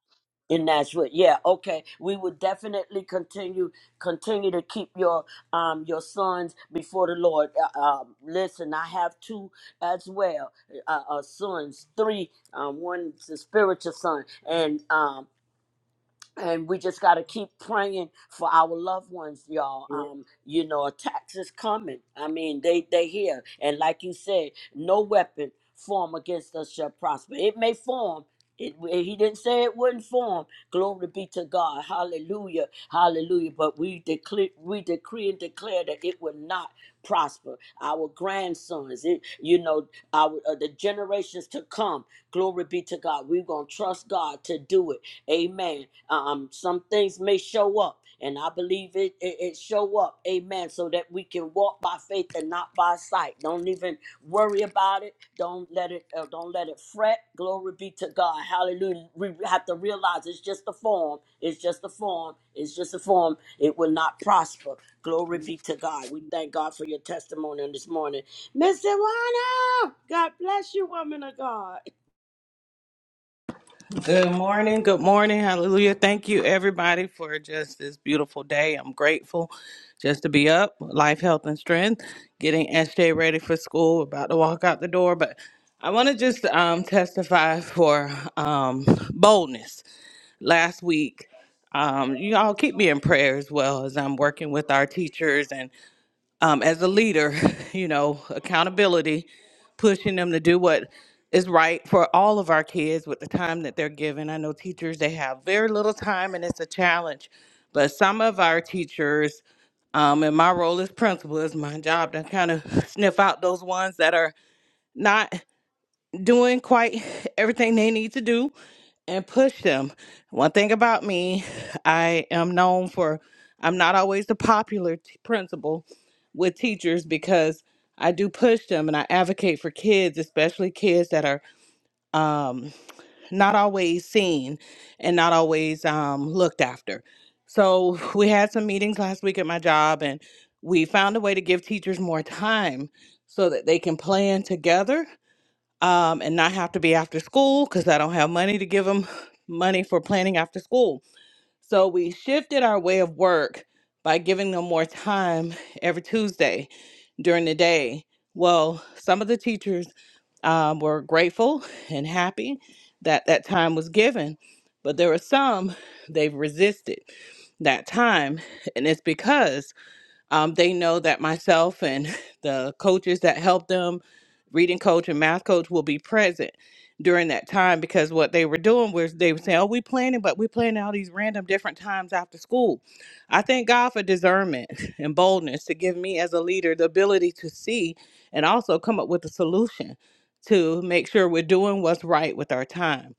[SPEAKER 2] in Nashville. Yeah, okay. We will definitely continue continue to keep your um your sons before the Lord. Uh, um, listen, I have two as well, uh, uh sons, three. Um, one's a spiritual son, and um and we just got to keep praying for our loved ones y'all um you know attacks is coming i mean they they here and like you said no weapon form against us shall prosper it may form it, he didn't say it wouldn't form. Glory be to God. Hallelujah. Hallelujah. But we declare, we decree and declare that it will not prosper. Our grandsons, it, you know, our uh, the generations to come. Glory be to God. We're gonna trust God to do it Amen. Um, some things may show up, and I believe it, it it show up. Amen. So that we can walk by faith and not by sight. Don't even worry about it. Don't let it. Uh, don't let it fret. Glory be to God. Hallelujah. We have to realize it's just a form. It's just a form. It's just a form. It will not prosper. Glory be
[SPEAKER 4] Yes,
[SPEAKER 2] to God. We thank God for your testimony on this morning, Miss Iwana. God bless you, woman of God.
[SPEAKER 6] Good morning. Good morning. Hallelujah. Thank you, everybody, for just this beautiful day. I'm grateful just to be up, life, health, and strength, getting SJ ready for school, about to walk out the door. But I want to just um, testify for um, boldness. Last week, um, you all keep me in prayer as well as I'm working with our teachers um, as a leader, you know, accountability, pushing them to do what is right for all of our kids with the time that they're given. I know teachers, they have very little time and it's a challenge. But some of our teachers, um, and my role as principal is my job to kind of sniff out those ones that are not doing quite everything they need to do and push them. One thing about me, I am known for I'm not always the popular t- principal with teachers because I do push them and I advocate for kids, especially kids that are um, not always seen and not always um, looked after. So we had some meetings last week at my job and we found a way to give teachers more time so that they can plan together um, and not have to be after school because I don't have money to give them money for planning after school. So we shifted our way of work by giving them more time every Tuesday during the day. Well, some of the teachers um, were grateful and happy that that time was given, but there were some they've resisted that time, and it's because um, they know that myself and the coaches that help them, reading coach and math coach, will be present during that time because what they were doing was they were saying, Oh, we planning, but we planning all these random different times after school. I thank God for discernment and boldness to give me as a leader the ability to see and also come up with a solution to make sure we're doing what's right with our time.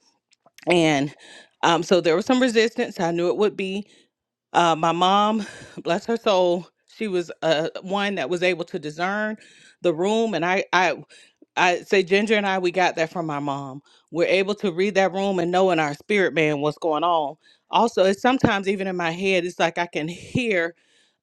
[SPEAKER 6] And um, so there was some resistance. I knew it would be. Uh, my mom, bless her soul, she was uh, one that was able to discern the room, and I, I, I say Ginger and I, we got that from my mom. We're able to read that room and know in our spirit man what's going on. Also, it's sometimes even in my head, it's like I can hear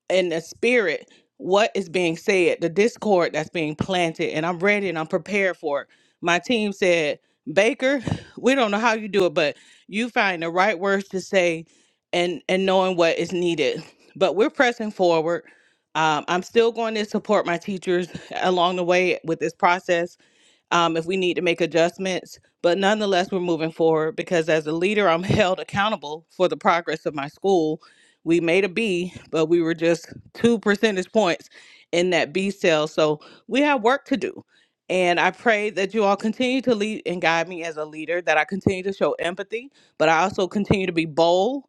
[SPEAKER 6] in the spirit what is being said, the discord that's being planted, and I'm ready and I'm prepared for it. My team said, Baker, we don't know how you do it, but you find the right words to say and and knowing what is needed. But we're pressing forward. Um, I'm still going to support my teachers along the way with this process um, if we need to make adjustments. But nonetheless, we're moving forward because as a leader, I'm held accountable for the progress of my school. We made a B, but we were just two percentage points in that B cell. So we have work to do. And I pray that you all continue to lead and guide me as a leader, that I continue to show empathy, but I also continue to be bold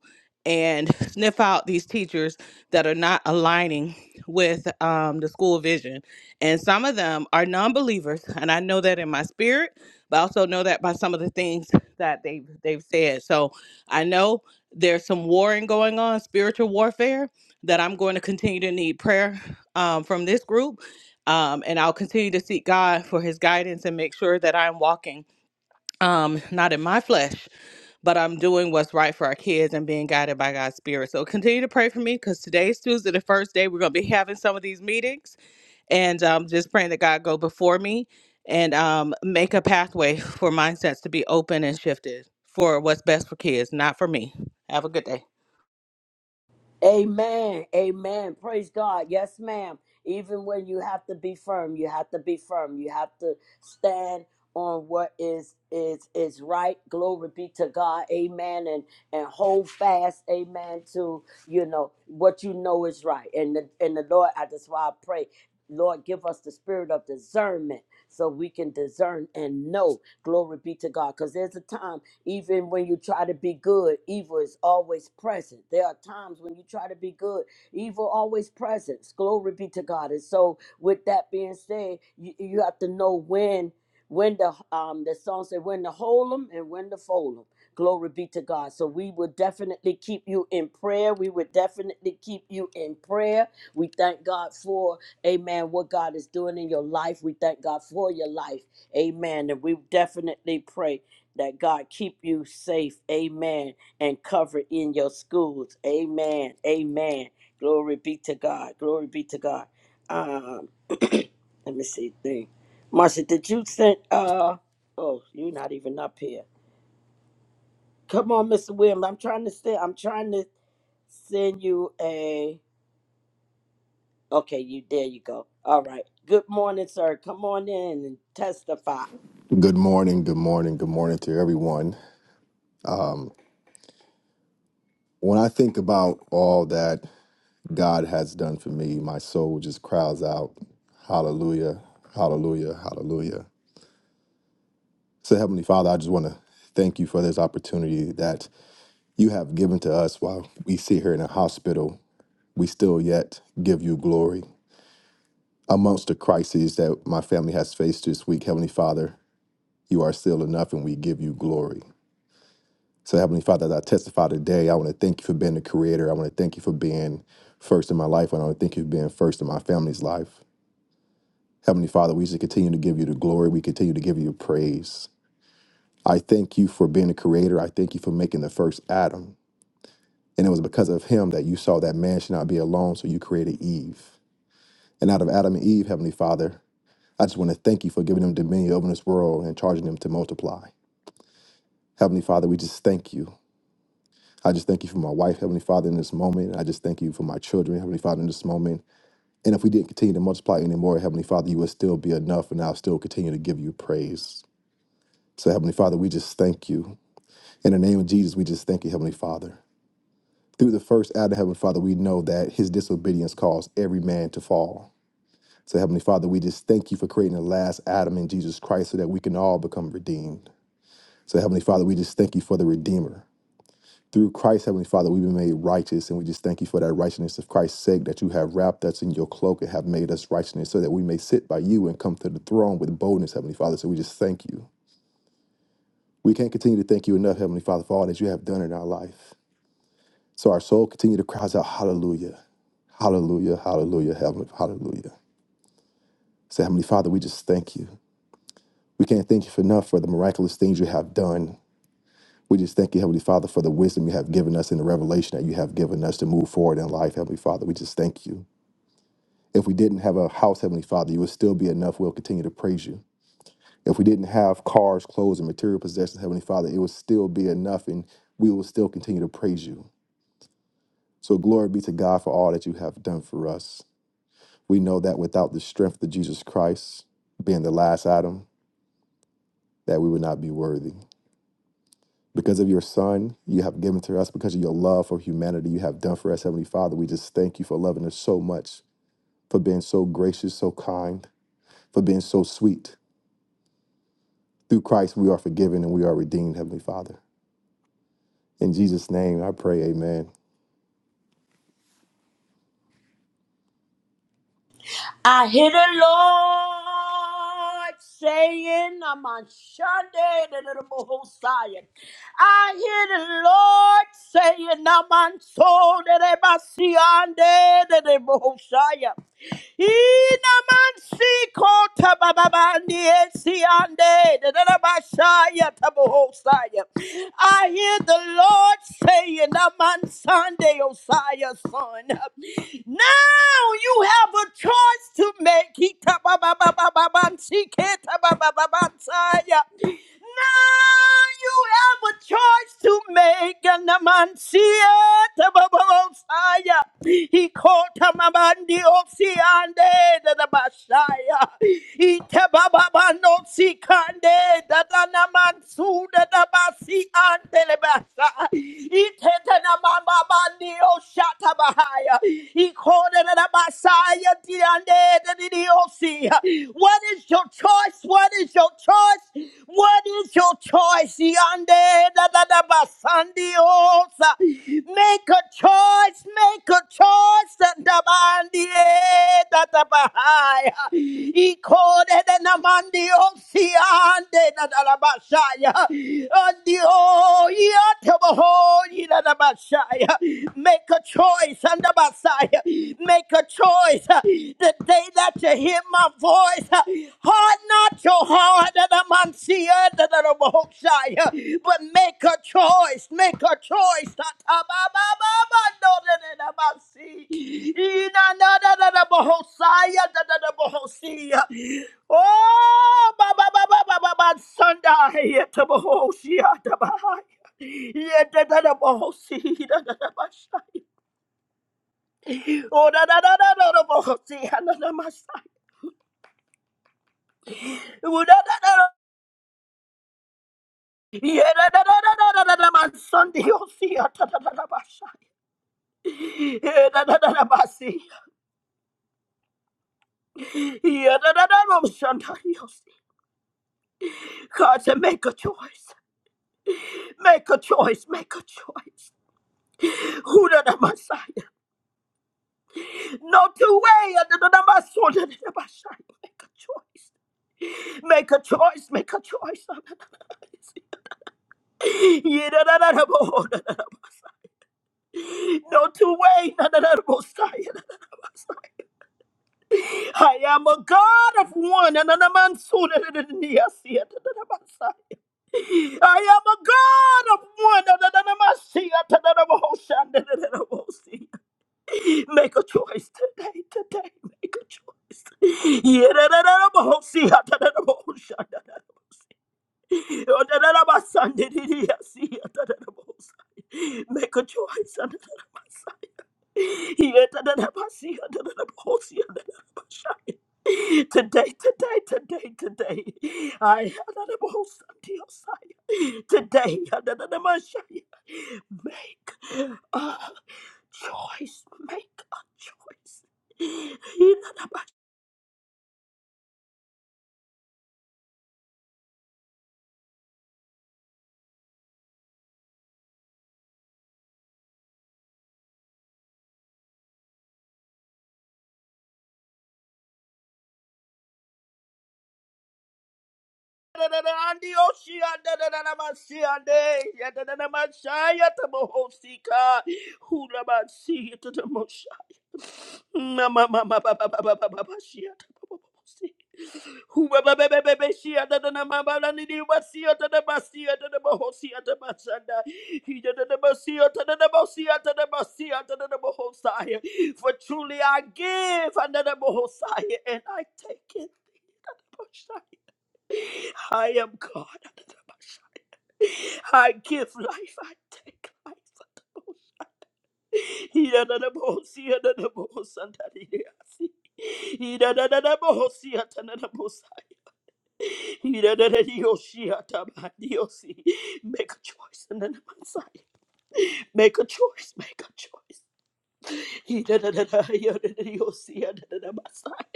[SPEAKER 6] and sniff out these teachers that are not aligning with um, the school vision and some of them are non believers. And I know that in my spirit, but I also know that by some of the things that they've, they've said. So I know there's some warring going on, spiritual warfare, that I'm going to continue to need prayer um, from this group. Um, and I'll continue to seek God for his guidance and make sure that I'm walking um, not in my flesh, but I'm doing what's right for our kids and being guided by God's spirit. So continue to pray for me because today's Tuesday, the first day we're going to be having some of these meetings and um, just praying that God go before me and um, make a pathway for mindsets to be open and shifted for what's best for kids, not for me. Have a good day.
[SPEAKER 2] Amen. Amen. Praise God. Yes, ma'am. Even when you have to be firm, you have to be firm. You have to stand on what is is is right. Glory be to God. Amen. And and hold fast. Amen. To you know what you know is right. And the and the Lord, I just why I pray. Lord, give us the spirit of discernment so we can discern and know. Glory be to God. Because there's a time. Even when you try to be good, evil is always present. There are times when you try to be good, evil always present. Glory be to God. And so, with that being said, you, you have to know when. When the um the song said when to hold 'em and when to fold 'em. Glory be to God. So we will definitely keep you in prayer. We will definitely keep you in prayer. We thank God for Amen. What God is doing in your life. We thank God for your life. Amen. And we definitely pray that God keep you safe, amen, and covered in your schools, amen, amen. Glory be to God, glory be to God. Um, let me see thing. Marcia, did you send uh oh, you're not even up here. Come on, Mr. Williams. I'm trying to send I'm trying to send you a okay, you there you go. All right. Good morning, sir. Come on in and testify.
[SPEAKER 7] Good morning, good morning, good morning to everyone. When I think about all that God has done for me, my soul just cries out, Hallelujah, Hallelujah, Hallelujah. So, Heavenly Father, I just want to thank you for this opportunity that you have given to us while we sit here in a hospital. We still yet give you glory. Amongst the crises that my family has faced this week, Heavenly Father, you are still enough and we give you glory. So, Heavenly Father, as I testify today, I want to thank you for being the creator. I want to thank you for being first in my life. And I want to thank you for being first in my family's life. Heavenly Father, we just continue to give you the glory. We continue to give you praise. I thank you for being the creator. I thank you for making the first Adam. And it was because of him that you saw that man should not be alone, so you created Eve. And out of Adam and Eve, Heavenly Father, I just want to thank you for giving them dominion over this world and charging them to multiply. Heavenly Father, we just thank you. I just thank you for my wife, Heavenly Father, in this moment. I just thank you for my children, Heavenly Father, in this moment. And if we didn't continue to multiply anymore, Heavenly Father, you would still be enough, and I'll still continue to give you praise. So, Heavenly Father, we just thank you. In the name of Jesus, we just thank you, Heavenly Father. Through the first Adam, Heavenly Father, we know that his disobedience caused every man to fall. So, Heavenly Father, we just thank you for creating the last Adam in Jesus Christ so that we can all become redeemed. So, Heavenly Father, we just thank you for the Redeemer. Through Christ, Heavenly Father, we've been made righteous, and we just thank you for that righteousness of Christ's sake that you have wrapped us in your cloak and have made us righteousness so that we may sit by you and come to the throne with boldness, Heavenly Father. So we just thank you. We can't continue to thank you enough, Heavenly Father, for all that you have done in our life. So our soul continue to cry out, Hallelujah. Hallelujah, hallelujah, heavenly, hallelujah. So, Heavenly Father, we just thank you. We can't thank you for enough for the miraculous things you have done. We just thank you, Heavenly Father, for the wisdom you have given us and the revelation that you have given us to move forward in life, Heavenly Father. We just thank you. If we didn't have a house, Heavenly Father, you would still be enough. We'll continue to praise you. If we didn't have cars, clothes, and material possessions, Heavenly Father, it would still be enough and we will still continue to praise you. So glory be to God for all that you have done for us. We know that without the strength of Jesus Christ being the last Adam, that we would not be worthy. Because of your Son, you have given to us, because of your love for humanity, you have done for us, Heavenly Father. We just thank you for loving us so much, for being so gracious, so kind, for being so sweet. Through Christ, we are forgiven and we are redeemed, Heavenly Father. In Jesus' name, I pray, amen.
[SPEAKER 2] I hear the Lord saying, I'm on Sunday, the little Messiah. I hear the Lord saying, I'm on soul, the Messiah, the little Messiah. Inamansiko tabababandi esiande dadadabashaya tabohosaya. I hear the Lord saying, "I'm on Sunday, Osiah, son. Now you have a choice to make. He tabababababansi ke tababababansaya you have a choice to make. And the man see it, the bubble fire. He called him a man, the Oxiande, the Bashaya. He tababa no see the Danaman su, the basi and the Basha. He tetanamamba bandi, oh Shatabahaya. He called the Basaya, the Ande, the Osi mercy. What is your choice? What is your choice? What is your choice? Yande da da da ba sandi osa. Make a choice. Make a choice. Da da ba andi e da da ba hai. Iko de de na mandi osi ande da da ba shaya. Andi o ya te ba ho yi da da ba shaya. Make a choice. Make a choice uh, the day that you hear my voice. uh, Harden not your heart, that I'm unseeing, that I'm unseeing, but make a choice. Make a choice. Ta- ta- ba- ba- ba- ba- no, da- da- da- ba- see. Ina- na- na- da- da- da- ba- hosea, da- da- da- ba- hosea. Oh, ba- ba- ba- ba- ba- ba- ba- Sunday, yeah, ta- ba- hosea, ta- ba- hi. yeah, da- da- da- ba- hosea, da- da- da- ba- shaya. Oh, da da da da da da bo- see, ah, na- na- my son. Oh, da da da da. Yeah, da da da da da da da da, my son, do you see? Ah, da da da da, my son. Yeah, da da da da, my son. Yeah, da da da da, my son, do you see? God said, make a choice. Make a choice. Make a choice. Who da da, my son? No two way. Ah, da da da, my son, da da da, my son. Make a choice. Make a choice. Make a choice. Ah, da da da da. Yeah, da da da No two way. I am a God of one. I am a God of one. Make a choice today, today. Make a choice. Make a choice. Today, today, today, today. I had a most Diosai. today Adonamashai, make a choice. Make a choice. Andi oshi anda da da da masi ande ya da da da masai ya tamo hosi ka hula masi ya da da mosai ma ma ma ma ba ba ba ba ba ba ba shi ya tamo hosi hula ba ba ba ba ba shi ya da da da ma ba la ni ni for truly I give anda da hosai and I take it I am God. I give life, I take life. Iranabosi, ananabosandariyasi. Irananabosi, atananabosai. Irananayoshi, atabadiyosi. Make a choice, ananamasai. Make a choice, make a choice. Irananayoshi, ananamasai.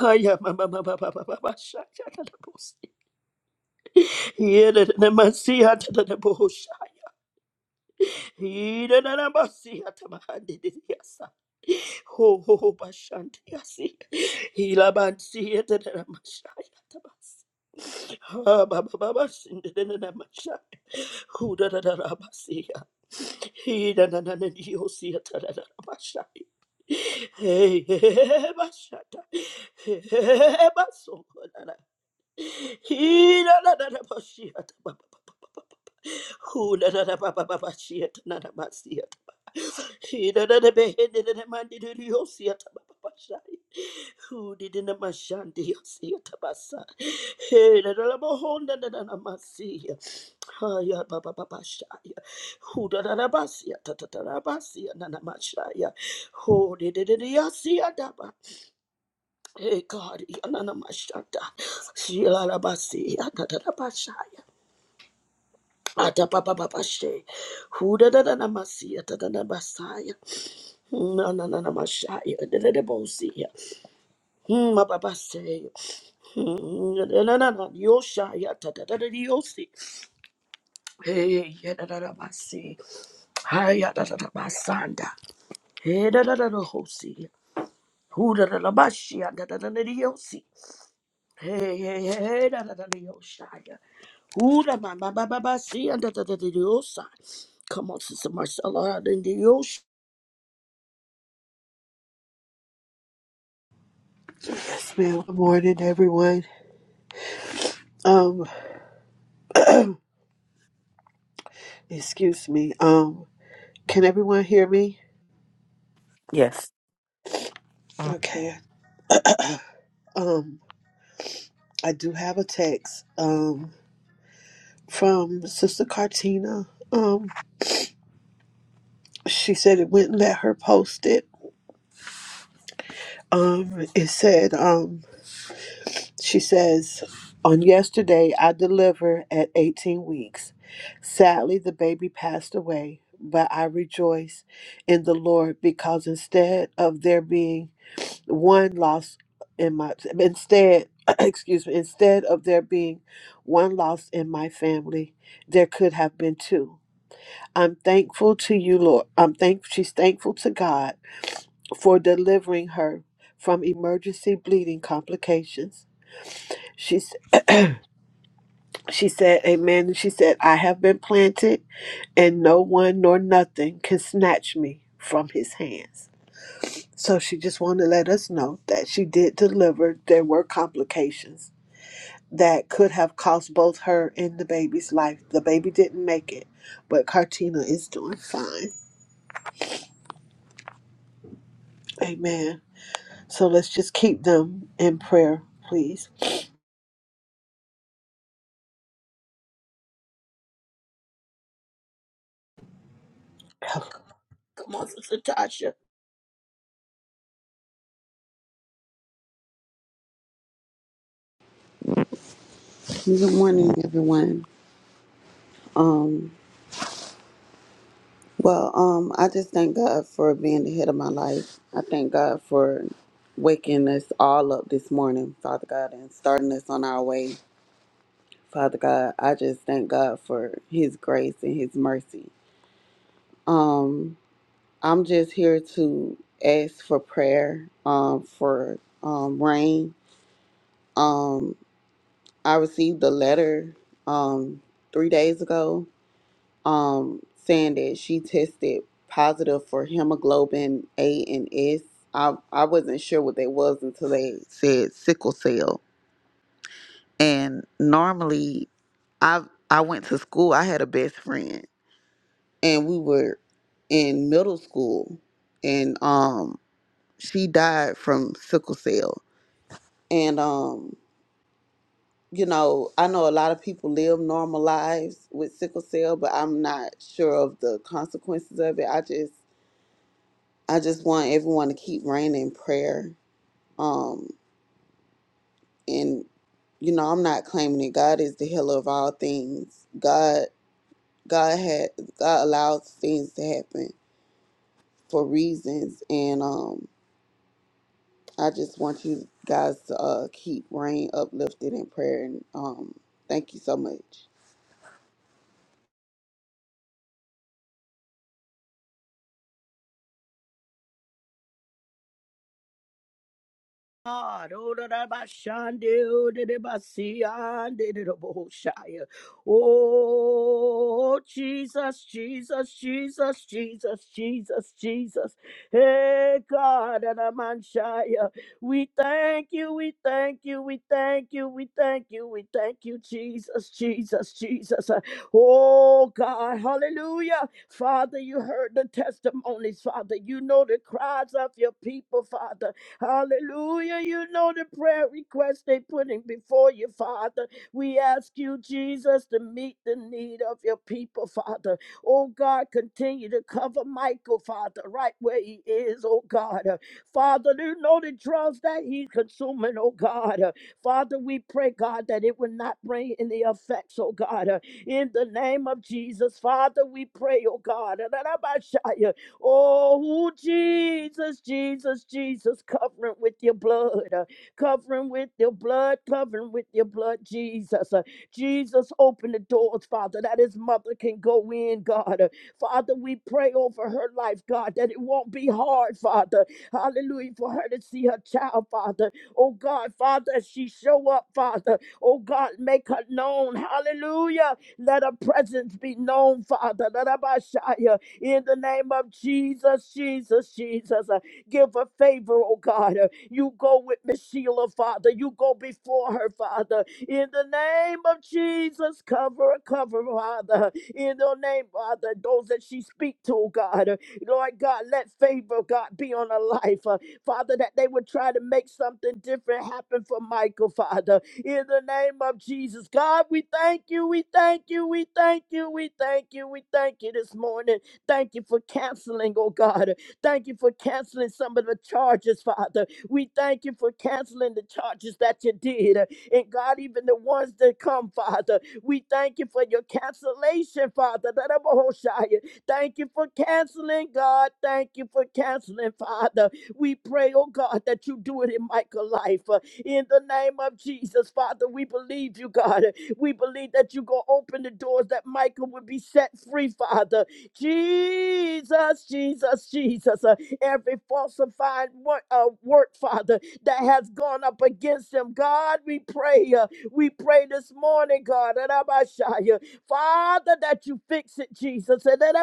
[SPEAKER 2] Ayamamamamamamamashai, ananabosi. Irananamasi, atananaboshai. Hidanamasi atamahadidiyasa. Ho ho ho bashandiyasi. Hilabansi atanamasaya atamasi. Ha ba ba ba basindanamasaya. Hudanamasiya. Hidanananiyosi atanamasaya. Hey, hey, hey, bashata. Hey, hey, hey, basongonana. Hidananamasiya atamasi. Hula da da ba ba ba ba shit na na ba si who did in the Mashandi Siatabasa? Hey, the Labahonda and Amasia. Haya Baba Babashaya. Who the Rabasia Tatarabasia Nanamashaya. Who did it in the Yasia Daba? Hey, God, Yanamashata. Shila Rabasia Tatarabashaya. Ata Baba Babashe. Who the Nanamasia Tatanabasaya. Na na na na Mashaya, the Debosia, Mababase, na na na Yoshaya, Tata Yosi, Hey, Yadabasi, Hayadabasanda, Hey, Dada Hosi, Who the Labashia, Dada Yosi, Hey, hey, hey, Dada Yoshaya, Who the Mababasi, and Dada Yosa. Come on, Sister Marcella, and the Yosh.
[SPEAKER 8] Yes, ma'am. Good morning, everyone. Um, excuse me. Um, can everyone hear me?
[SPEAKER 5] Yes.
[SPEAKER 8] Okay. Um, I do have a text. Um, from Sister Cartina. Um, she said it wouldn't let her post it. Um, it said. Um, she says, on yesterday I delivered at 18 weeks. Sadly, the baby passed away, but I rejoice in the Lord because instead of there being one loss in my instead excuse me instead of there being one loss in my family there could have been two i'm thankful to you lord i'm thank she's thankful to god for delivering her from emergency bleeding complications she s- she said amen and she said i have been planted and no one nor nothing can snatch me from his hands so she just wanted to let us know that she did deliver there were complications that could have cost both her and the baby's life. The baby didn't make it, but Cartina is doing fine. Amen. So let's just keep them in prayer, please.
[SPEAKER 2] Come on, Sister Tasha.
[SPEAKER 9] Good morning, everyone. Well, um, I just thank God for being the head of my life. I thank God for waking us all up this morning, Father God, and starting us on our way, Father God. I just thank God for His grace and His mercy. I'm just here to ask for prayer, um, for um, rain. Um, I received a letter um, three days ago um, saying that she tested positive for hemoglobin A and S. I, I wasn't sure what that was until they said sickle cell. And normally, I I went to school. I had a best friend, and we were in middle school, and um, she died from sickle cell. And um, you know, I know a lot of people live normal lives with sickle cell, but I'm not sure of the consequences of it. I just I just want everyone to keep praying in prayer. Um, and you know, I'm not claiming it. God is the healer of all things. God, God had, God allows things to happen for reasons. And um, I just want you guys to uh, keep praying uplifted in prayer. And um, thank you so much.
[SPEAKER 2] God, oh, da da ba shande, oh, da da ba si, ande, da da bo shaya. Oh, Jesus, Jesus, Jesus, Jesus, Jesus, Jesus. Hey, God, and a man shaya. We thank you, we thank you, we thank you, we thank you, we thank you, Jesus, Jesus, Jesus. Oh, God, hallelujah. Father, you heard the testimonies, Father. You know the cries of your people, Father. Hallelujah. You know the prayer request they putting before you, Father. We ask you, Jesus, to meet the need of your people, Father. Oh God, continue to cover Michael, Father, right where he is, oh God. Uh, Father, you know the drugs that he's consuming, oh God. Uh, Father, we pray, God, that it will not bring any effects, oh God. Uh, In the name of Jesus, Father, we pray, oh God. Oh, Jesus, Jesus, Jesus, cover him with your blood. uh, Cover him with your blood. Cover him with your blood, Jesus. Uh, Jesus, open the doors, Father, that his mother can go in, God. Uh, Father, we pray over her life, God, that it won't be hard, Father. Hallelujah, for her to see her child, Father. Oh, God, Father, as she show up, Father. Oh, God, make her known. Hallelujah. Let her presence be known, Father. In the name of Jesus, Jesus, Jesus, uh, give her favor, oh God. Uh, You go with Miss Sheila, Father. You go before her, Father. In the name of Jesus, cover, her, cover, her, Father. In the name, Father, those that she speak to, oh God. Uh, Lord God, let favor, oh God, be on her life. Uh, Father, that they would try to make something different happen for Michael, Father. In the name of Jesus, God, we thank you, we thank you, we thank you, we thank you, we thank you this morning. Thank you for canceling, oh God. Thank you for canceling some of the charges, Father. We thank you for canceling the charges that you did. And God, even the ones that come, Father, we thank you for your cancellation, Father. Thank you for canceling, God. Thank you for canceling, Father. We pray, oh God, that you do it in Michael's life. Uh, In the name of Jesus, Father, we believe you, God. We believe that you go open the doors that Michael would be set free, Father Jesus, Jesus, Jesus. Uh, every falsified work, uh, work, Father, that has gone up against him, God, we pray. Uh, we pray this morning, God, and Father, that you fix it, Jesus. And then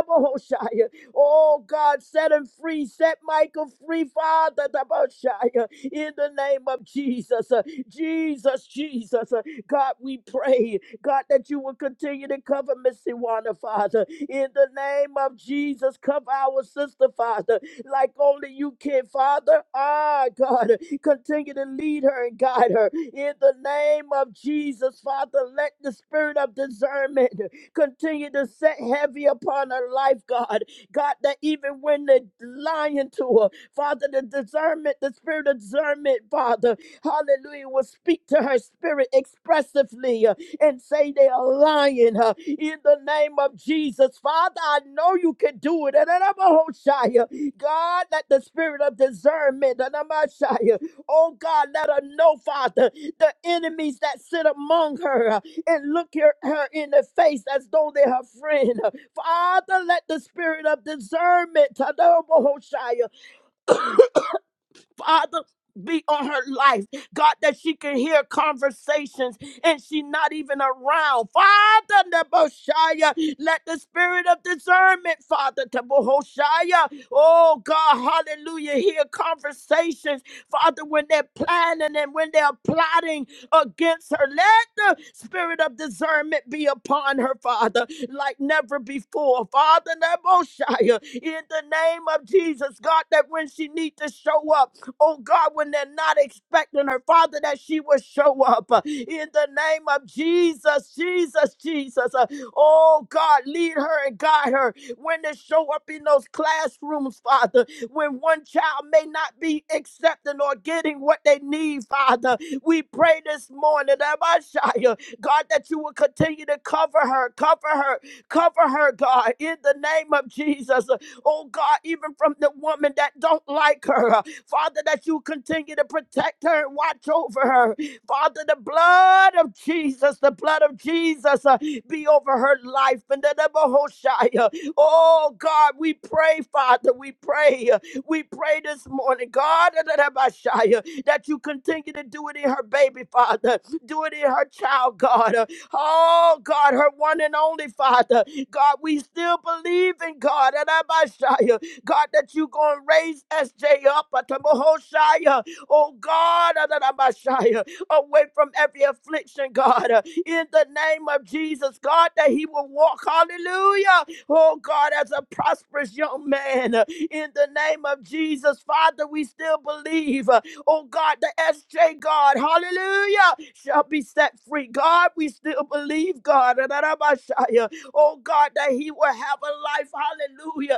[SPEAKER 2] Oh God, set him free. Set Michael free, Father. the Most High, uh, In the name of Jesus. Uh, Jesus, Jesus. uh, God, we pray. God, that you will continue to cover Miss Iwana, Father. In the name of Jesus, cover our sister, Father, like only you can, Father. Ah, God, continue to lead her and guide her. In the name of Jesus, Father, let the spirit of discernment continue to set heavy upon her life, God. God, that even when the lion to her, Father, the discernment, the spirit of discernment, Father, hallelujah, will speak to her spirit expressively and say they are lying uh, in the name of Jesus. Father, I know you can do it. And I'm a Hoshea. God, let the spirit of discernment, and I'm a Hoshea. oh God, let her know, Father, the enemies that sit among her uh, and look her, her in the face as though they're her friend. huh. Father, let the spirit of discernment, Tadabo Hoshea, Father, be on her life. God, that she can hear conversations and she not even around. Father, Neboshaya, let the spirit of discernment, Father, Tabohoshaya, oh God, hallelujah, hear conversations, Father, when they're planning and when they're plotting against her. Let the spirit of discernment be upon her, Father, like never before. Father, Neboshaya, in the name of Jesus, God, that when she need to show up, oh God, when they're not expecting her, Father, that she will show up uh, in the name of Jesus, Jesus, Jesus. Uh, Oh God, lead her and guide her when they show up in those classrooms, Father, when one child may not be accepting or getting what they need, Father. We pray this morning, Abishai, God, that you will continue to cover her, cover her, cover her, God, in the name of Jesus oh God, even from the woman that don't like her. Uh, Father, that you continue to protect her and watch over her. Father, the blood of Jesus, the blood of Jesus uh, be over her life. And the Nebuchadnezzar. Oh God, we pray, Father, we pray. uh, We pray this morning, God, in the Nebuchadnezzar, that you continue to do it in her baby, Father. Do it in her child, God. uh, Oh, God, her one and only Father. God, we still believe in God. And I must shout you, God, that you going to raise SJ up. uh, to Oh, God, and I must shout you, away from every affliction, God. uh, In the name of Jesus, God, that he will walk. Hallelujah. Oh, God, as a prosperous young man. uh, In the name of Jesus, Father, we still believe. uh, Oh God, the SJ God, hallelujah, shall be set free. God, we still believe, God, oh God, that He will have a life, hallelujah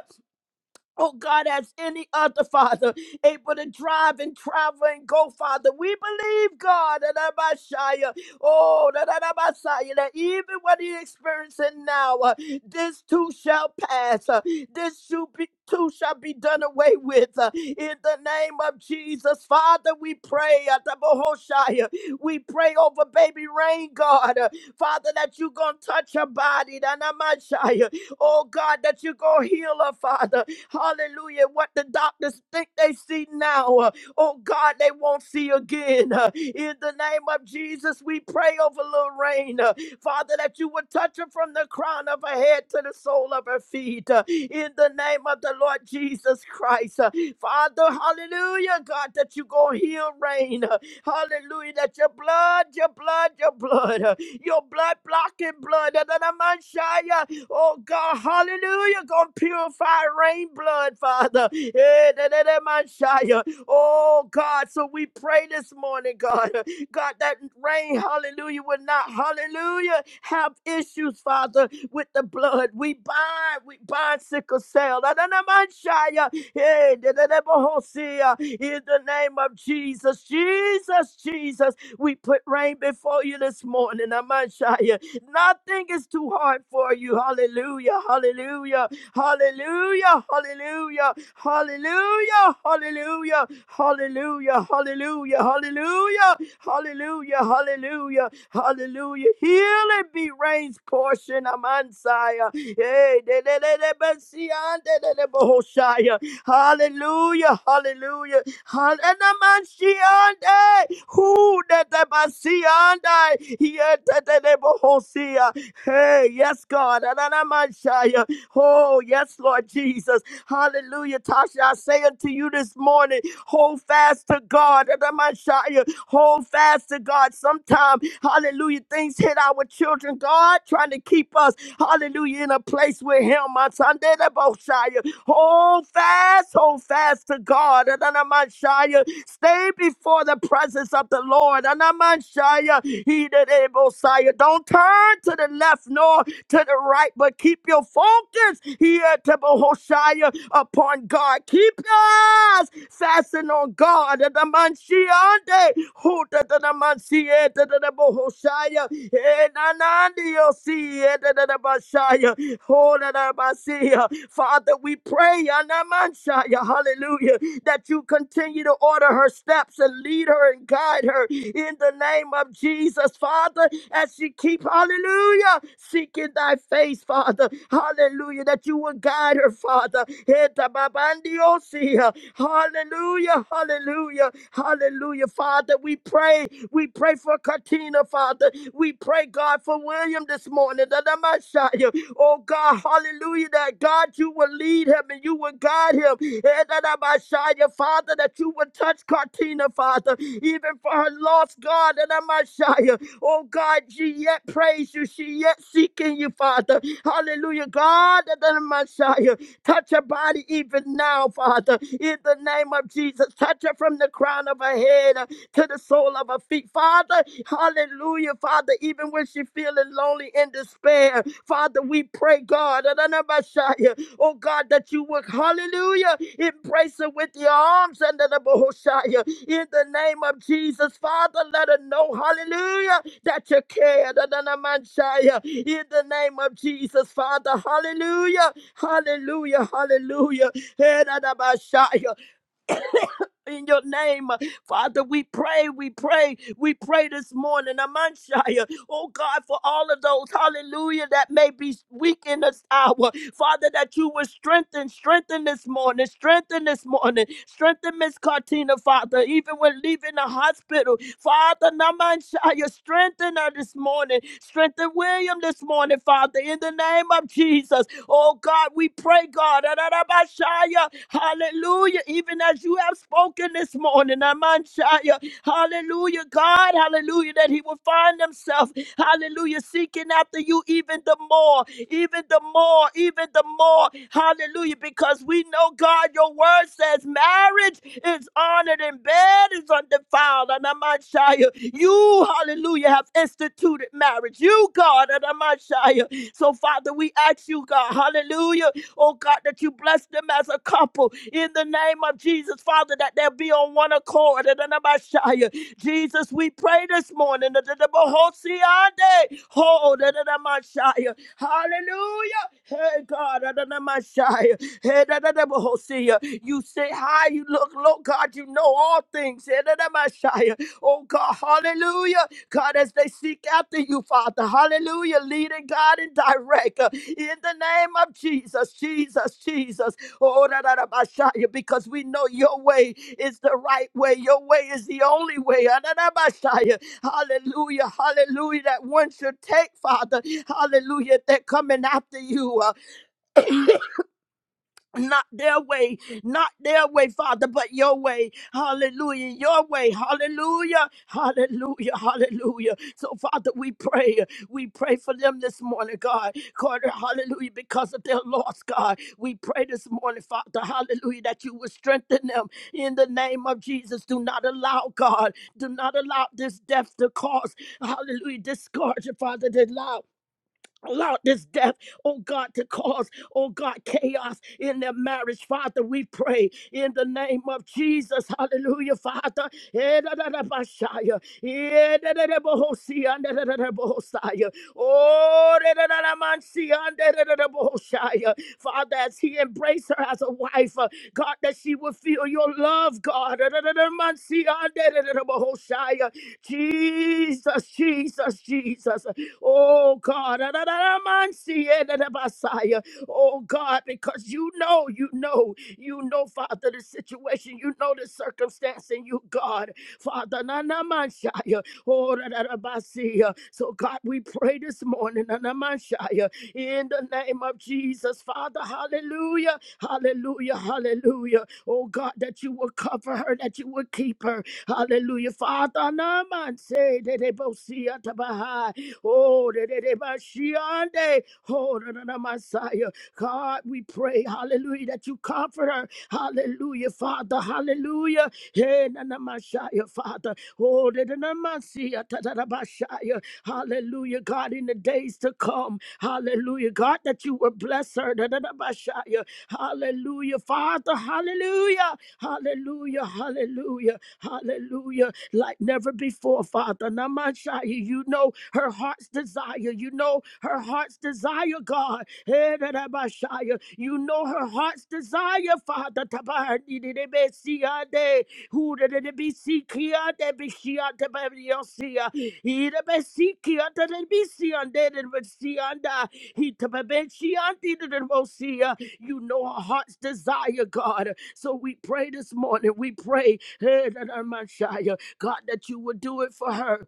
[SPEAKER 2] Oh God, as any other father able to drive and travel and go, Father, we believe God that our Messiah, oh that our Messiah, that even what He's experiencing now, uh, this too shall pass. uh, this should be, too shall be done away with. uh, in the name of Jesus, Father, we pray at the Bohoshaya. We pray over baby rain, God, uh, Father, that you gonna touch her body, that our Messiah, oh God, that you gonna heal her, Father. Hallelujah. What the doctors think they see now, uh, oh God, they won't see again. Uh, In the name of Jesus, we pray over Lorraine, uh, Father, that you would touch her from the crown of her head to the sole of her feet. uh, In the name of the Lord Jesus Christ, Uh, Father, hallelujah, God, that you go heal rain. uh, Hallelujah, that your blood, your blood, your blood, uh, your blood blocking blood, uh, that I'm on fire. Oh God, hallelujah. Gonna purify rain blood, Father. Eh, da, da, da, my Shia. Oh God, so we pray this morning, God. God, that rain, hallelujah, will not, hallelujah, have issues, Father, with the blood. We bind, we bind sickle cell. Da, da, da, my Shia. Eh, da, da, da, Bohosia. In the name of Jesus, Jesus, Jesus, we put rain before you this morning, Amashia. Nothing is too hard for you. Hallelujah. Hallelujah. Hallelujah. Hallelujah. Hallelujah. Hallelujah. Hallelujah. Hallelujah. Hallelujah. Hallelujah. Hallelujah. Hallelujah. Healing be raised portion. Amansaya. Hey, de- de- de- de- Messiah, de- de- de- Bohoshaya. Hallelujah. Hallelujah. Hananamashiande, who that the Basiande, yet the Bohosia. Hey, yes, God. Hananamashaya. Oh, yes, Lord Jesus. Hallelujah. Tasha, I say unto you this morning, hold fast to God. Hananamashaya. Hold fast to God. Sometimes, hallelujah, things hit our children, God, trying to keep us, hallelujah, in a place with Him. My son, Boshaya. Hold fast, hold fast to God. Anamashaya. Stay before the presence of the Lord. Anamashaya. He that able, Messiah. Don't turn to the left nor to the right, but keep your focus here to Behoshaya upon God. Keep your eyes fastened on God. Adamansiande, huta dadamansietetetebohoshaya, enanandiosi, etetetebashaya. Holalabasiya. Father, we pray, hallelujah, that you continue to order her steps and lead her and guide her in the name of Jesus, Father, as she keep, hallelujah, seeking thy face, Father, hallelujah, that you will guide her, Father. Hallelujah, hallelujah, hallelujah, Father, we pray we pray for Katina, Father. We pray, God, for William this morning. That I might shout you. Oh, God, hallelujah. That God, you will lead him and you will guide him. And that I might shout you, Father, that you will touch Katina, Father. Even for her lost God, that I might shout you. Oh, God, she yet prays you. She yet seeking you, Father. Hallelujah. God, that I might shout you. Touch her body even now, Father. In the name of Jesus, touch her from the crown of her head to the sole of her feet. Father, hallelujah, Father, even when she feeling lonely and despair, Father, we pray, God, Adonabashaya, oh God, that you would, hallelujah, embrace her with your arms under the Bohoshaya. In the name of Jesus, Father, let her know, hallelujah, that you care, Adonamashaya. In the name of Jesus, Father, hallelujah, hallelujah, hallelujah. Adonabashaya in your name. Father, we pray, we pray, we pray this morning, Amanshaya. Oh God, for all of those, hallelujah, that may be weak in this hour. Father, that you would strengthen, strengthen this morning, strengthen this morning, strengthen Miss Cartina, Father, even when leaving the hospital. Father, Namanshaya, strengthen her this morning, strengthen William this morning, Father, in the name of Jesus. Oh God, we pray, God. Ararabashaya. Hallelujah. Even as you have spoken this morning, Amanshaya. Hallelujah, God. Hallelujah. That he will find himself. Hallelujah. Seeking after you even the more, even the more, even the more. Hallelujah. Because we know, God, your word says marriage is honored and bed is undefiled. And Amanshaya. You, hallelujah, have instituted marriage. You, God, and Amanshaya. So, Father, we ask you, God, hallelujah, oh God, that you bless them as a couple in the name of Jesus, Father, that they'll be on one accord. And then about Shia. Jesus, we pray this morning. that the Bohosiande, Hold and then about Shia. Hallelujah. Hey, God, and then about Shia. Hey, and then about Hosea. you say hi, you look low, God, you know all things. Hey, and then about Shia. Oh God, hallelujah. God, as they seek after you, Father. Hallelujah. Leading God and direct uh, in the name of Jesus, Jesus, Jesus. Oh, da, da, da, ba, sha, ya, because we know your way is the right way. Your way is the only way. Ah, da, da, ba, sha, ya. Hallelujah. Hallelujah. That one should take, Father. Hallelujah. They're coming after you not their way, not their way, Father, but your way. Hallelujah. Your way. Hallelujah. Hallelujah. Hallelujah. So, Father, we pray. We pray for them this morning, God. God, hallelujah, because of their loss, God. We pray this morning, Father, hallelujah, that you will strengthen them in the name of Jesus. Do not allow, God, do not allow this death to cause, hallelujah, discouragement, Father, to allow Allow this death, oh God, to cause, oh God, chaos in their marriage. Father, we pray in the name of Jesus. Hallelujah, Father. Eh, da, da, Eh, si, Oh, da, da, si, Father, as he embraced her as a wife, uh, God, that she would feel your love, God. Edadadamansia. Jesus, Jesus, Jesus. Oh God. Oh God, because you know, you know, you know, Father, the situation, you know the circumstance, and you, God, Father, Nanamanshiah. Oh, da da da so God, we pray this morning, Nanamanshiah, in the name of Jesus, Father, hallelujah. Hallelujah. Hallelujah. Hallelujah. Oh God, that you will cover her, that you will keep her. Hallelujah. Father, Naman say that they both see at the Baha'i. Oh, that they Bashiande. Oh, na- na- na- Messiah. God, we pray, hallelujah, that you comfort her. Hallelujah, Father. Hallelujah. Hey, na- na- Messiah, Father. Oh, that na- the Messiah, ta- ta- na- Messiah. Hallelujah, God, in the days to come. Hallelujah, God, that you will bless her. Da, da, da, ba, sha, ya. Hallelujah, Father. Hallelujah. Hallelujah. Hallelujah. Hallelujah. Like never before, Father. Namashaya, you know her heart's desire. You know her heart's desire, God. Eh, da, da, ba, sha, ya. You know her heart's desire, Father. Tabarni, di, di, be, si, ya, de. Who did it be seeking? They be she on the baby on He the be seeking. They be see on there. They be see on that. He the baby she on the the most see. You know our heart's desire, God. So we pray this morning. We pray, eh, that our Messiah, God, that you would do it for her.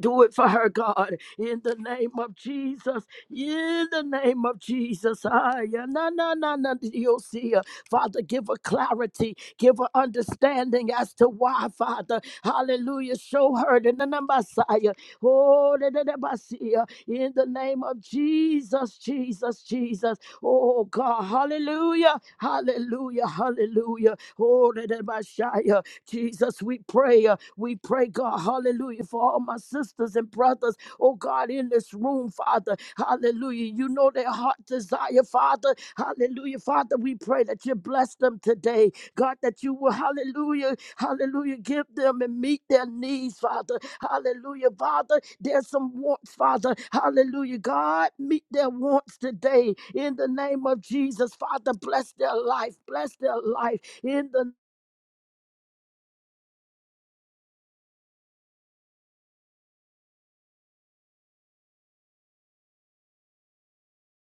[SPEAKER 2] Do it for her, God, in the name of Jesus. In the name of Jesus. Ay, ah, yeah, na, na, na, na, You'll see her. Father, give her clarity, give her understanding as to why, Father. Hallelujah. Show her the na- na- Messiah. Oh, the the- the Messiah. in the name of Jesus, Jesus, Jesus. Oh, God. Hallelujah. Hallelujah. Hallelujah. Oh, the the Messiah. Jesus, we pray. uh, We pray, God, hallelujah, for all my sisters and brothers, oh God, in this room, Father, hallelujah. You know their heart desire, Father, hallelujah. Father, we pray that you bless them today, God, that you will, hallelujah, hallelujah, give them and meet their needs, Father, hallelujah, Father. There's some wants, Father, hallelujah, God, meet their wants today in the name of Jesus, Father. Bless their life, bless their life in the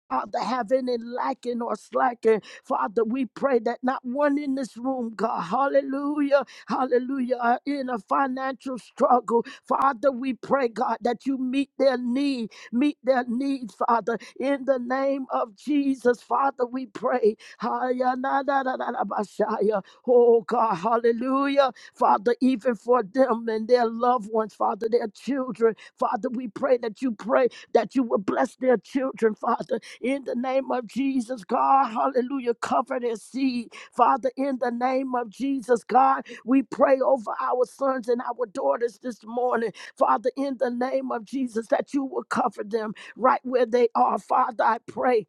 [SPEAKER 2] Father, have any lacking or slacking. Father, we pray that not one in this room, God, hallelujah, hallelujah, are in a financial struggle. Father, we pray, God, that you meet their need, meet their needs, Father, in the name of Jesus. Father, we pray. Haya na na na na na bashaya. Oh, God, hallelujah. Father, even for them and their loved ones, Father, their children, Father, we pray that you pray that you will bless their children, Father in the name of Jesus, God. Hallelujah. Cover their seed, Father, in the name of Jesus, God. We pray over our sons and our daughters this morning, Father, in the name of Jesus, that you will cover them right where they are, Father. I pray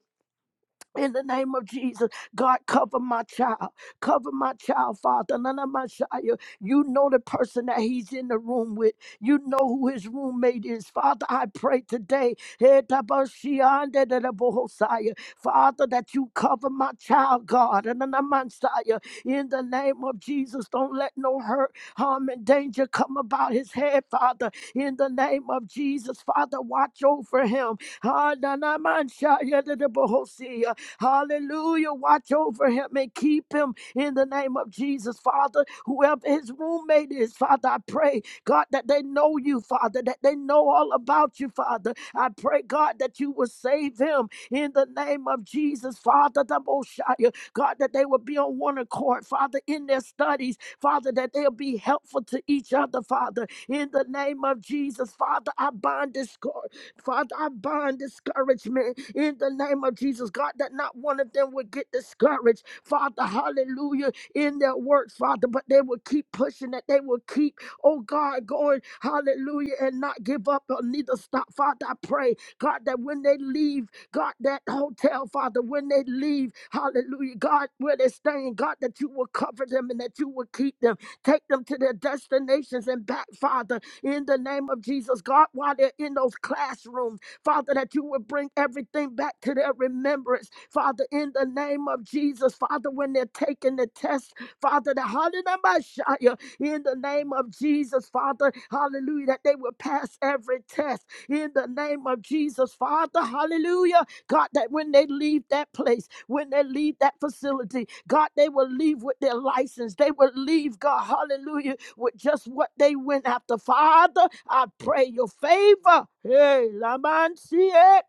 [SPEAKER 2] in the name of Jesus, God, cover my child. Cover my child, Father. None of my child. You know the person that he's in the room with. You know who his roommate is. Father, I pray today. eh, tabashiandedebohosaya, Father, that you cover my child, God. and none of my child. In the name of Jesus, don't let no hurt, harm, and danger come about his head, Father. In the name of Jesus, Father, watch over him. Ah, none of my child, eh, dedebohosia. Hallelujah. Watch over him and keep him in the name of Jesus, Father. Whoever his roommate is, Father, I pray, God, that they know you, Father, that they know all about you, Father. I pray, God, that you will save him in the name of Jesus, Father, the Moshiach. God, that they will be on one accord, Father, in their studies, Father, that they'll be helpful to each other, Father, in the name of Jesus, Father. I bind discord. Father, I bind discouragement in the name of Jesus. God, that not one of them would get discouraged. Father, hallelujah, in their works, Father, but they will keep pushing, that they will keep, oh God, going, hallelujah, and not give up or neither stop. Father, I pray, God, that when they leave, God, that hotel, Father, when they leave, hallelujah, God, where they're staying, God, that you will cover them and that you will keep them, take them to their destinations and back, Father, in the name of Jesus. God, while they're in those classrooms, Father, that you would bring everything back to their remembrance. Father, in the name of Jesus, Father, when they're taking the test, Father, the hallelujah, in the name of Jesus, Father, hallelujah, that they will pass every test in the name of Jesus, Father, hallelujah, God, that when they leave that place, when they leave that facility, God, they will leave with their license. They will leave, God, hallelujah, with just what they went after. Father, I pray your favor. Hey, Laman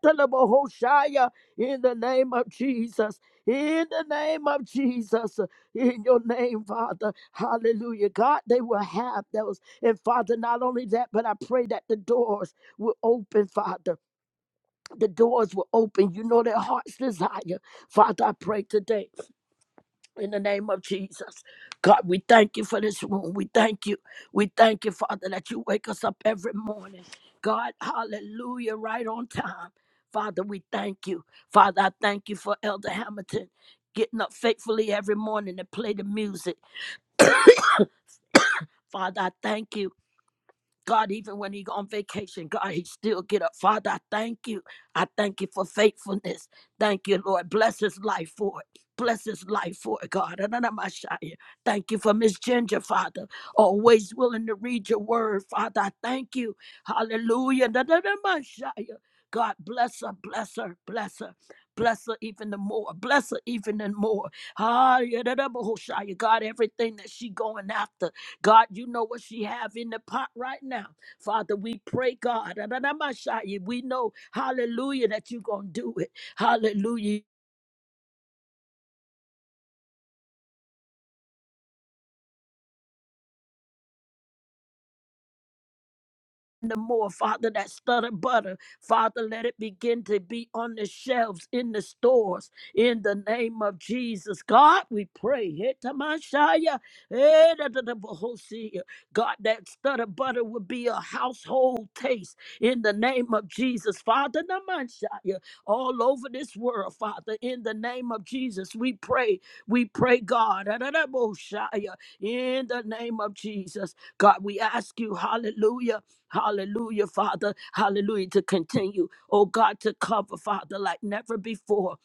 [SPEAKER 2] Hoshaya, in the name of Jesus. In the name of Jesus, in your name, Father, hallelujah. God, they will have those. And Father, not only that, but I pray that the doors will open, Father the doors were open. You know their heart's desire. Father, I pray today in the name of Jesus. God, we thank you for this room. We thank you. We thank you, Father, that you wake us up every morning. God, hallelujah, right on time. Father, we thank you. Father, I thank you for Elder Hamilton getting up faithfully every morning to play the music. Father, I thank you. God, even when he go on vacation, God, he still get up. Father, I thank you. I thank you for faithfulness. Thank you, Lord. Bless his life for it. Bless his life for it, God. Ananamashaya. Thank you for Miss Ginger, Father. Always willing to read your word, Father. I thank you. Hallelujah. Nananamashaya. God, bless her, bless her, bless her. Bless her even the more. Bless her even the more. Ah, yeah. da, da, bo, ho, shia. God, everything that she going after. God, you know what she have in the pot right now. Father, we pray, God. We know, hallelujah, that you're going to do it. Hallelujah. the more, Father, that stutter butter. Father, let it begin to be on the shelves, in the stores, in the name of Jesus. God, we pray. Hitamashaya, eh, da, da, da, bohosia. God, that stutter butter would be a household taste in the name of Jesus. Father, namashaya, all over this world, Father, in the name of Jesus, we pray. We pray, God, da, da, da, bohoshaya, in the name of Jesus. God, we ask you, hallelujah. Hallelujah, Father. Hallelujah. To continue, oh God, to cover, Father, like never before.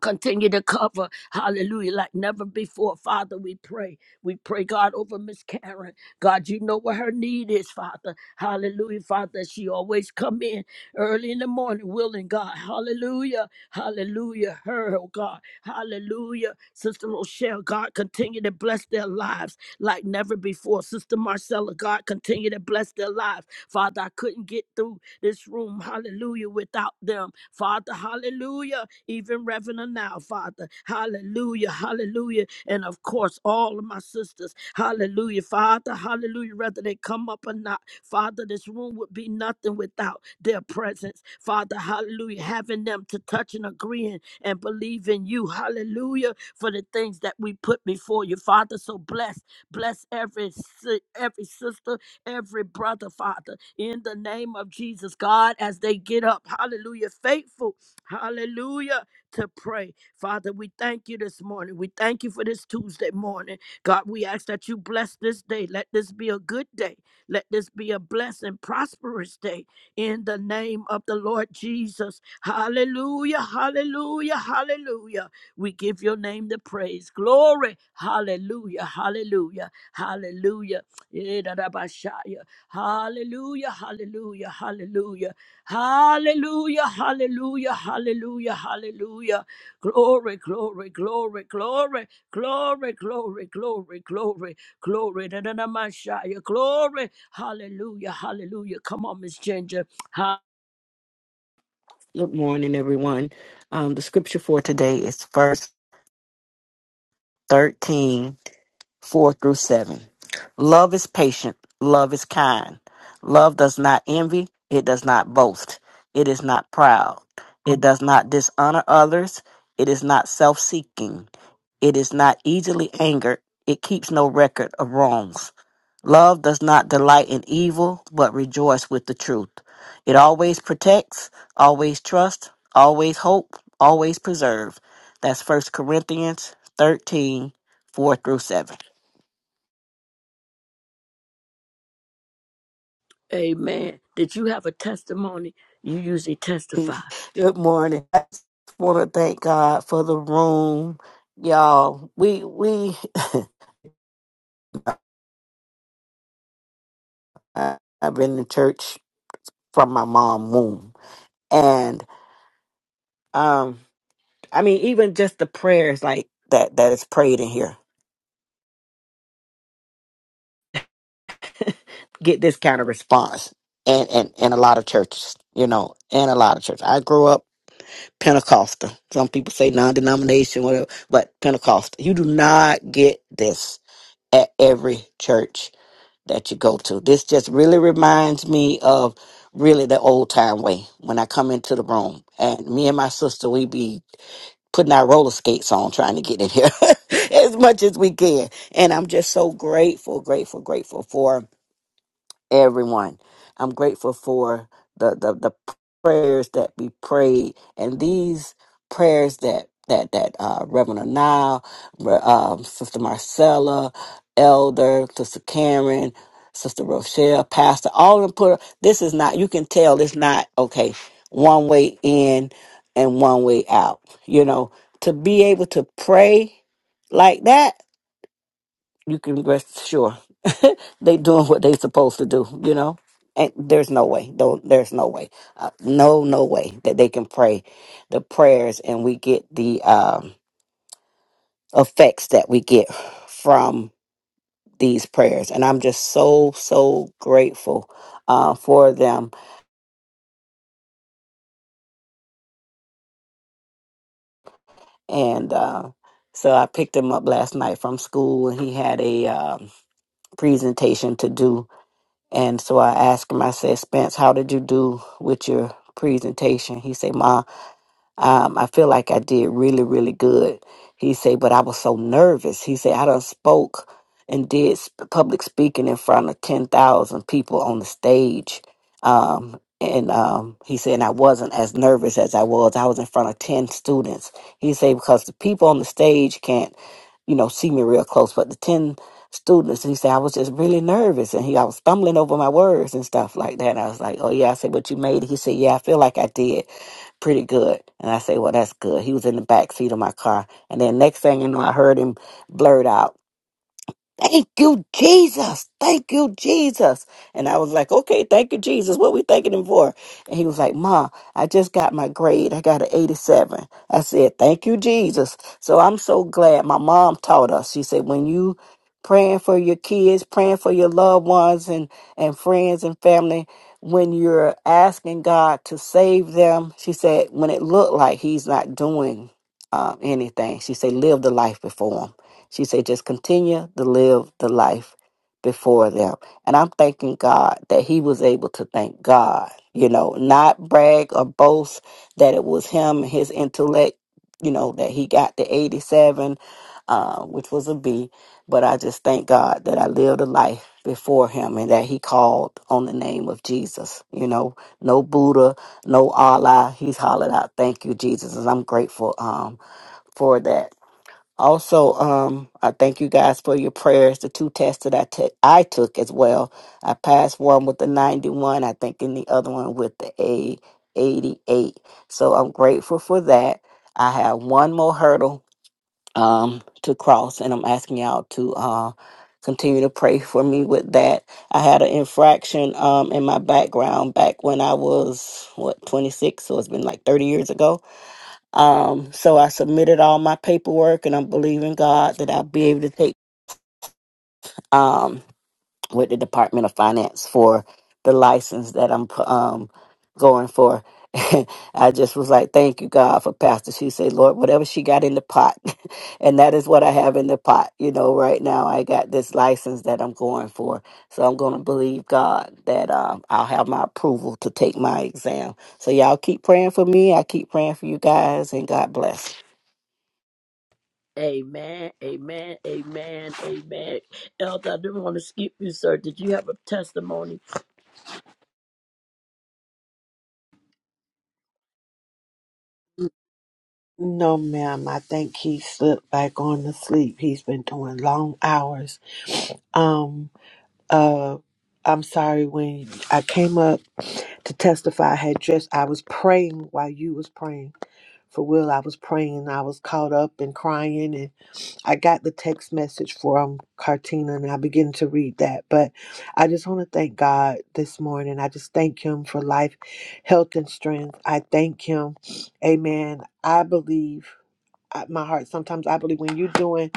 [SPEAKER 2] Continue to cover, hallelujah, like never before. Father, we pray. We pray, God, over Miss Karen. God, you know what her need is, Father. Hallelujah, Father. She always come in early in the morning, willing God. Hallelujah. Hallelujah. Her, oh God. Hallelujah. Sister Rochelle, God, continue to bless their lives like never before. Sister Marcella, God, continue to bless their lives. Father, I couldn't get through this room, hallelujah, without them. Father, hallelujah, even Reverend now, Father, hallelujah, hallelujah. And of course, all of my sisters, hallelujah, Father, hallelujah, whether they come up or not, Father, this room would be nothing without their presence. Father, hallelujah, having them to touch and agreeing and believe in you, hallelujah, for the things that we put before you, Father. So bless. Bless every si- every sister, every brother, Father, in the name of Jesus, God, as they get up. Hallelujah. Faithful. Hallelujah. To pray. Father, we thank you this morning. We thank you for this Tuesday morning. God, we ask that you bless this day. Let this be a good day. Let this be a blessed and prosperous day in the name of the Lord Jesus. Hallelujah, hallelujah, hallelujah. We give your name the praise. Glory. Hallelujah. Hallelujah. Hallelujah. Eh, da, da, ba, sha, ya. Hallelujah. Hallelujah. Hallelujah. Hallelujah. Hallelujah. Hallelujah. Hallelujah. Glory, glory, glory, glory, glory, glory, glory, glory, glory. Da, da, da, ma, sha, ya. Glory. Hallelujah. Hallelujah. Come on, Miss Ginger. Ha-
[SPEAKER 5] Good morning, everyone. Um, the scripture for today is verse 13. 4 through 7. Love is patient. Love is kind. Love does not envy. It does not boast. It is not proud. It does not dishonor others. It is not self seeking. It is not easily angered. It keeps no record of wrongs. Love does not delight in evil, but rejoice with the truth. It always protects, always trusts, always hope, always preserve. That's First Corinthians 13 4 through 7.
[SPEAKER 2] Amen. Did you have a testimony? You usually testify.
[SPEAKER 5] Good morning. I just want to thank God for the room, y'all. We we I- I've been in church from my mom' womb, and um, I mean, even just the prayers like that that is prayed in here get this kind of response, and and and a lot of churches, you know, and a lot of churches. I grew up Pentecostal. Some people say non-denomination, whatever, but Pentecostal. You do not get this at every church that you go to. This just really reminds me of really the old time way when I come into the room. And me and my sister, we be putting our roller skates on trying to get in here as much as we can. And I'm just so grateful, grateful, grateful for everyone. I'm grateful for the, the, the prayers that we prayed and these prayers that that that uh, Reverend Anil, Re- um, Sister Marcella, Elder, Sister Karen, Sister Rochelle, Pastor, all of them put. This is not. You can tell it's not okay. One way in and one way out. You know, to be able to pray like that you can rest sure they doing what they supposed to do. You know, and there's no way. Don't there's no way. Uh, no, no way that they can pray the prayers and we get the um, effects that we get from these prayers. And I'm just so so grateful uh, for them. And uh, so I picked him up last night from school, and he had a um, presentation to do And so I asked him, I said, Spence, how did you do with your presentation? He said, Ma, um, I feel like I did really, really good. He said, but I was so nervous. He said, I done spoke and did sp- public speaking in front of 10,000 people on the stage. Um, and um, he said, and I wasn't as nervous as I was. I was in front of 10 students. He said, because the people on the stage can't, you know, see me real close, but the 10 students, and he said, I was just really nervous. And he, I was stumbling over my words and stuff like that. And I was like, oh, yeah. I said, but you made it. He said, yeah, I feel like I did pretty good. And I say, well, that's good. He was in the back seat of my car. And then next thing you know, I heard him blurt out. Thank you, Jesus. Thank you, Jesus. And I was like, okay, thank you, Jesus. What we thanking him for? And he was like, Ma, I just got my grade. I got an 87. I said, thank you, Jesus. So I'm so glad my mom taught us. She said, when you praying for your kids, praying for your loved ones and, and friends and family, when you're asking God to save them, she said, when it looked like he's not doing uh, anything, she said, live the life before him she said, just continue to live the life before them. And I'm thanking God that he was able to thank God, you know, not brag or boast that it was him, his intellect, you know, that he got the 87, uh, which was a B. But I just thank God that I lived a life before him and that he called on the name of Jesus. You know, no Buddha, no Allah. He's hollered out, thank you, Jesus. And I'm grateful um, for that. Also, um, I thank you guys for your prayers. The two tests that I took, I took as well. I passed one with the 91, I think, and the other one with the A 88. So I'm grateful for that. I have one more hurdle um, to cross, and I'm asking y'all to uh, continue to pray for me with that. I had an infraction um, in my background back when I was, what, 26, so it's been like 30 years ago um, so I submitted all my paperwork, and I'm believing God that I'll be able to take um, with the Department of Finance for the license that I'm um, going for. I just was like, "Thank you, God, for Pastor." She said, "Lord, whatever she got in the pot, and that is what I have in the pot." You know, right now I got this license that I'm going for, so I'm going to believe God that um, I'll have my approval to take my exam. So y'all keep praying for me. I keep praying for you guys, and God bless.
[SPEAKER 2] Amen, amen, amen, amen. Elder, I didn't want to skip you, sir. Did you have a testimony?
[SPEAKER 8] No, ma'am. I think he slipped back on to sleep. He's been doing long hours. Um, uh, I'm sorry when I came up to testify. I had just I was praying while you was praying for Will. I was praying. I was caught up and crying I got the text message from Cartina and I began to read that. But I just want to thank God this morning. I just thank Him for life, health, and strength. I thank Him. Amen. I believe. I- My heart. Sometimes I believe when you're doing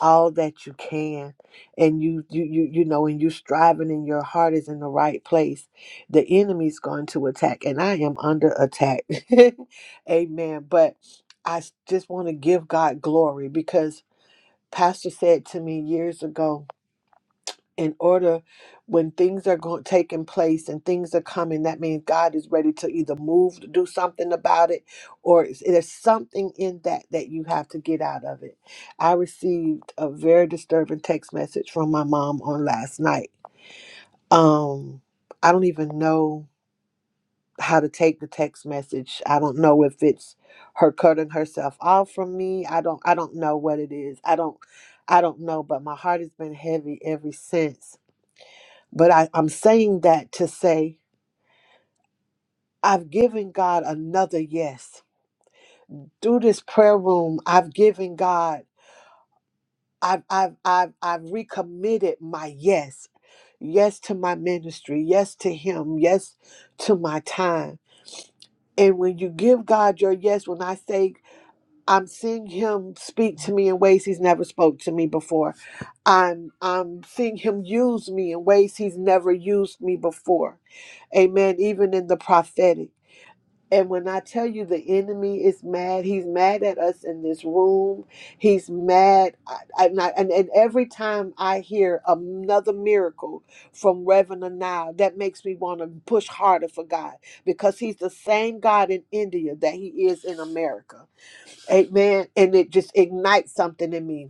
[SPEAKER 8] all that you can, and you you you you know, and you are striving, and your heart is in the right place, the enemy's going to attack, and I am under attack. Amen. But I s- just want to give God glory because pastor said to me years ago in order when things are going taking place and things are coming that means god is ready to either move to do something about it or it's- there's something in that that you have to get out of it i received a very disturbing text message from my mom on last night um i don't even know how to take the text message. I don't know if it's her cutting herself off from me. I don't I don't know what it is. I don't I don't know, but my heart has been heavy ever since. But I, I'm saying that to say I've given God another yes. Through this prayer room, I've given God I've I've I've I've recommitted my yes. Yes to my ministry, yes to him, yes to my time. And when you give God your yes, when I say I'm seeing him speak to me in ways he's never spoke to me before. I'm I'm seeing him use me in ways he's never used me before. Amen. Even in the prophetic. And when I tell you the enemy is mad, he's mad at us in this room. He's mad. I, I, and, I- and, and every time I hear another miracle from Reverend Anil, that makes me want to push harder for God because he's the same God in India that he is in America. Amen. And it just ignites something in me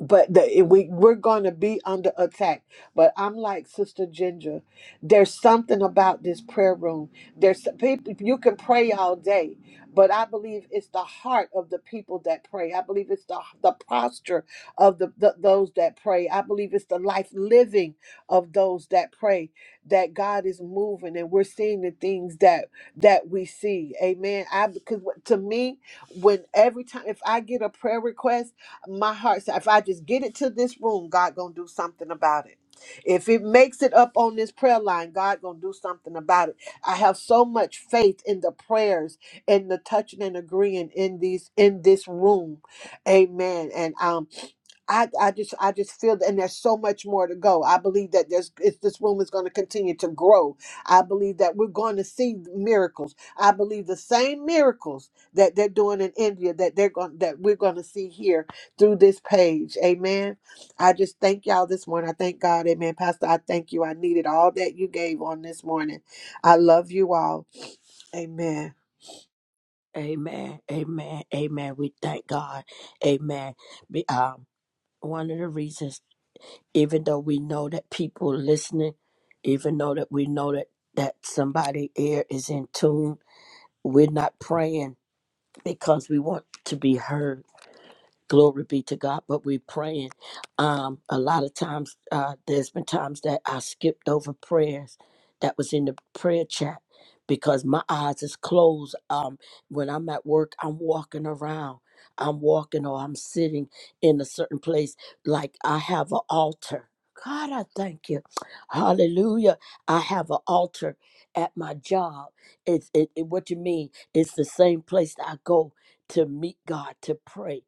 [SPEAKER 8] but the, we we're gonna be under attack. But I'm like Sister Ginger. There's something about this prayer room. There's people you can pray all day, but I believe it's the heart of the people that pray. I believe it's the the posture of the, the those that pray. I believe it's the life living of those that pray that God is moving and we're seeing the things that that we see. Amen. I because to me, when every time if I get a prayer request my heart said, if I just get it to this room, God gonna do something about it. If it makes it up on this prayer line, God gonna do something about it. I have so much faith in the prayers and the touching and agreeing in these in this room. Amen. And um I, I just I just feel that and there's so much more to go. I believe that there's it's, this room is going to continue to grow. I believe that we're going to see miracles. I believe the same miracles that they're doing in India that they're going that we're going to see here through this page. Amen. I just thank y'all this morning. I thank God. Amen. Pastor, I thank you. I needed all that you gave on this morning. I love you all. Amen.
[SPEAKER 2] Amen, amen, amen. We thank God. Amen. Be, um, one of the reasons, even though we know that people listening, even though that we know that, that somebody ear is in tune, we're not praying because we want to be heard Glory be to God. But we're praying. Um, a lot of times, uh, there's been times that I skipped over prayers that was in the prayer chat because my eyes is closed. Um, when I'm at work, I'm walking around. I'm walking or I'm sitting in a certain place. Like I have an altar. God, I thank you. Hallelujah. I have an altar at my job. It's it, it- what you mean. It's the same place that I go to meet God, to pray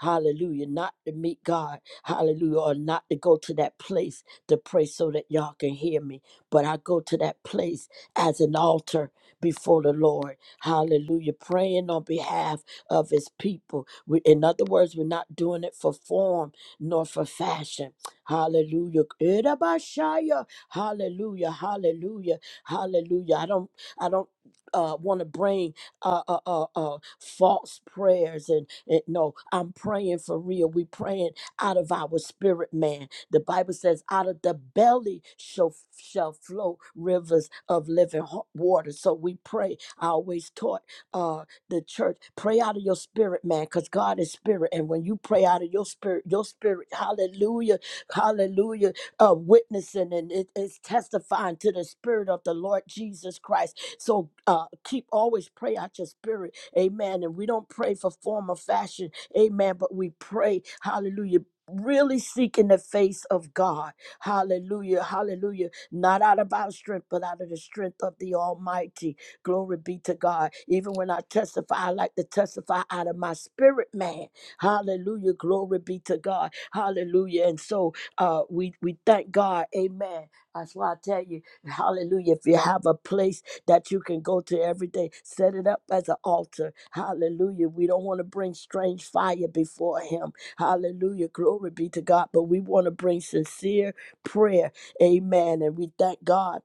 [SPEAKER 2] Hallelujah. Not to meet God. Hallelujah. Or not to go to that place to pray so that y'all can hear me. But I go to that place as an altar before the Lord. Hallelujah. Praying on behalf of his people. We, in other words, we're not doing it for form nor for fashion. Hallelujah. Erabashaya. Hallelujah. Hallelujah. Hallelujah. I don't I don't uh, want to bring uh, uh, uh, uh, false prayers. And, and no, I'm praying for real. we praying out of our spirit, man. The Bible says, out of the belly shall, shall flow rivers of living ho- water. So we pray. I always taught uh, the church, pray out of your spirit, man, because God is spirit. And when you pray out of your spirit, your spirit, hallelujah, hallelujah, uh, witnessing and it is testifying to the spirit of the Lord Jesus Christ so uh, keep always pray out your spirit. Amen. And we don't pray for form or fashion. Amen. But we pray, hallelujah. Really seeking the face of God. Hallelujah. Hallelujah. Not out of our strength, but out of the strength of the Almighty. Glory be to God. Even when I testify, I like to testify out of my spirit, man. Hallelujah. Glory be to God. Hallelujah. And so uh, we, we thank God. Amen. That's why I tell you. Hallelujah. If you have a place that you can go to every day, set it up as an altar. Hallelujah. We don't want to bring strange fire before Him. Hallelujah. Glory be to God. But we want to bring sincere prayer. Amen. And we thank God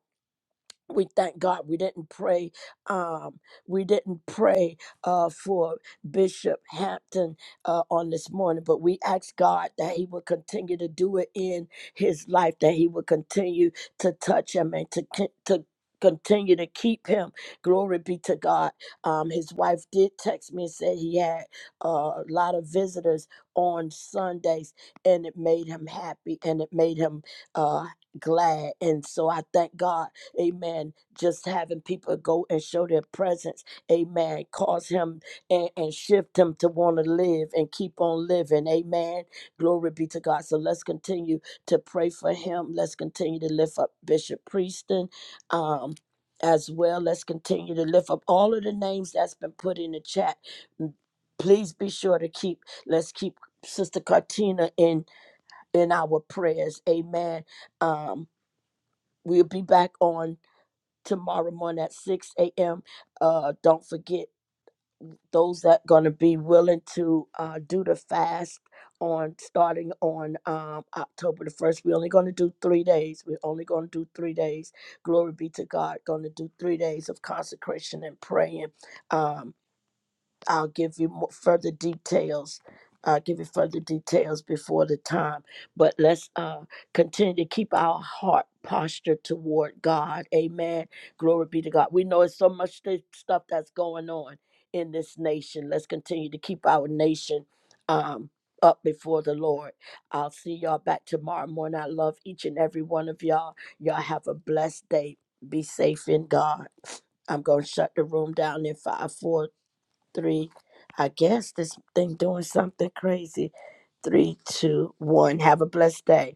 [SPEAKER 2] we thank God we didn't pray. Um, we didn't pray uh, for Bishop Hampton uh, on this morning, but we asked God that He would continue to do it in His life, that He would continue to touch Him and to con- to continue to keep Him. Glory be to God. Um, his wife did text me and said he had uh, a lot of visitors on Sundays, and it made him happy and it made him uh, glad. And so I thank God Amen. Just having people go and show their presence. Amen. Cause him and, and shift him to want to live and keep on living. Amen. Glory be to God. So let's continue to pray for him. Let's continue to lift up Bishop Prieston. Um, as well, let's continue to lift up all of the names that's been put in the chat. M- Please be sure to keep. Let's keep Sister Cartina in in our prayers. Amen. Um, we'll be back on tomorrow morning at 6 a.m. Uh, don't forget those that going to be willing to uh, do the fast on starting on um, October the 1st. We're only going to do three days. We're only going to do three days. Glory be to God. Going to do three days of consecration and praying. Um. I'll give you mo- further details. I'll give you further details before the time. But let's uh, continue to keep our heart posture toward God. Amen. Glory be to God. We know it's so much th- stuff that's going on in this nation. Let's continue to keep our nation um, up before the Lord. I'll see y'all back tomorrow morning. I love each and every one of y'all. Y'all have a blessed day. Be safe in God. I'm going to shut the room down in 5, 4, three. I guess this thing doing something crazy. Three, two, one. Have a blessed day.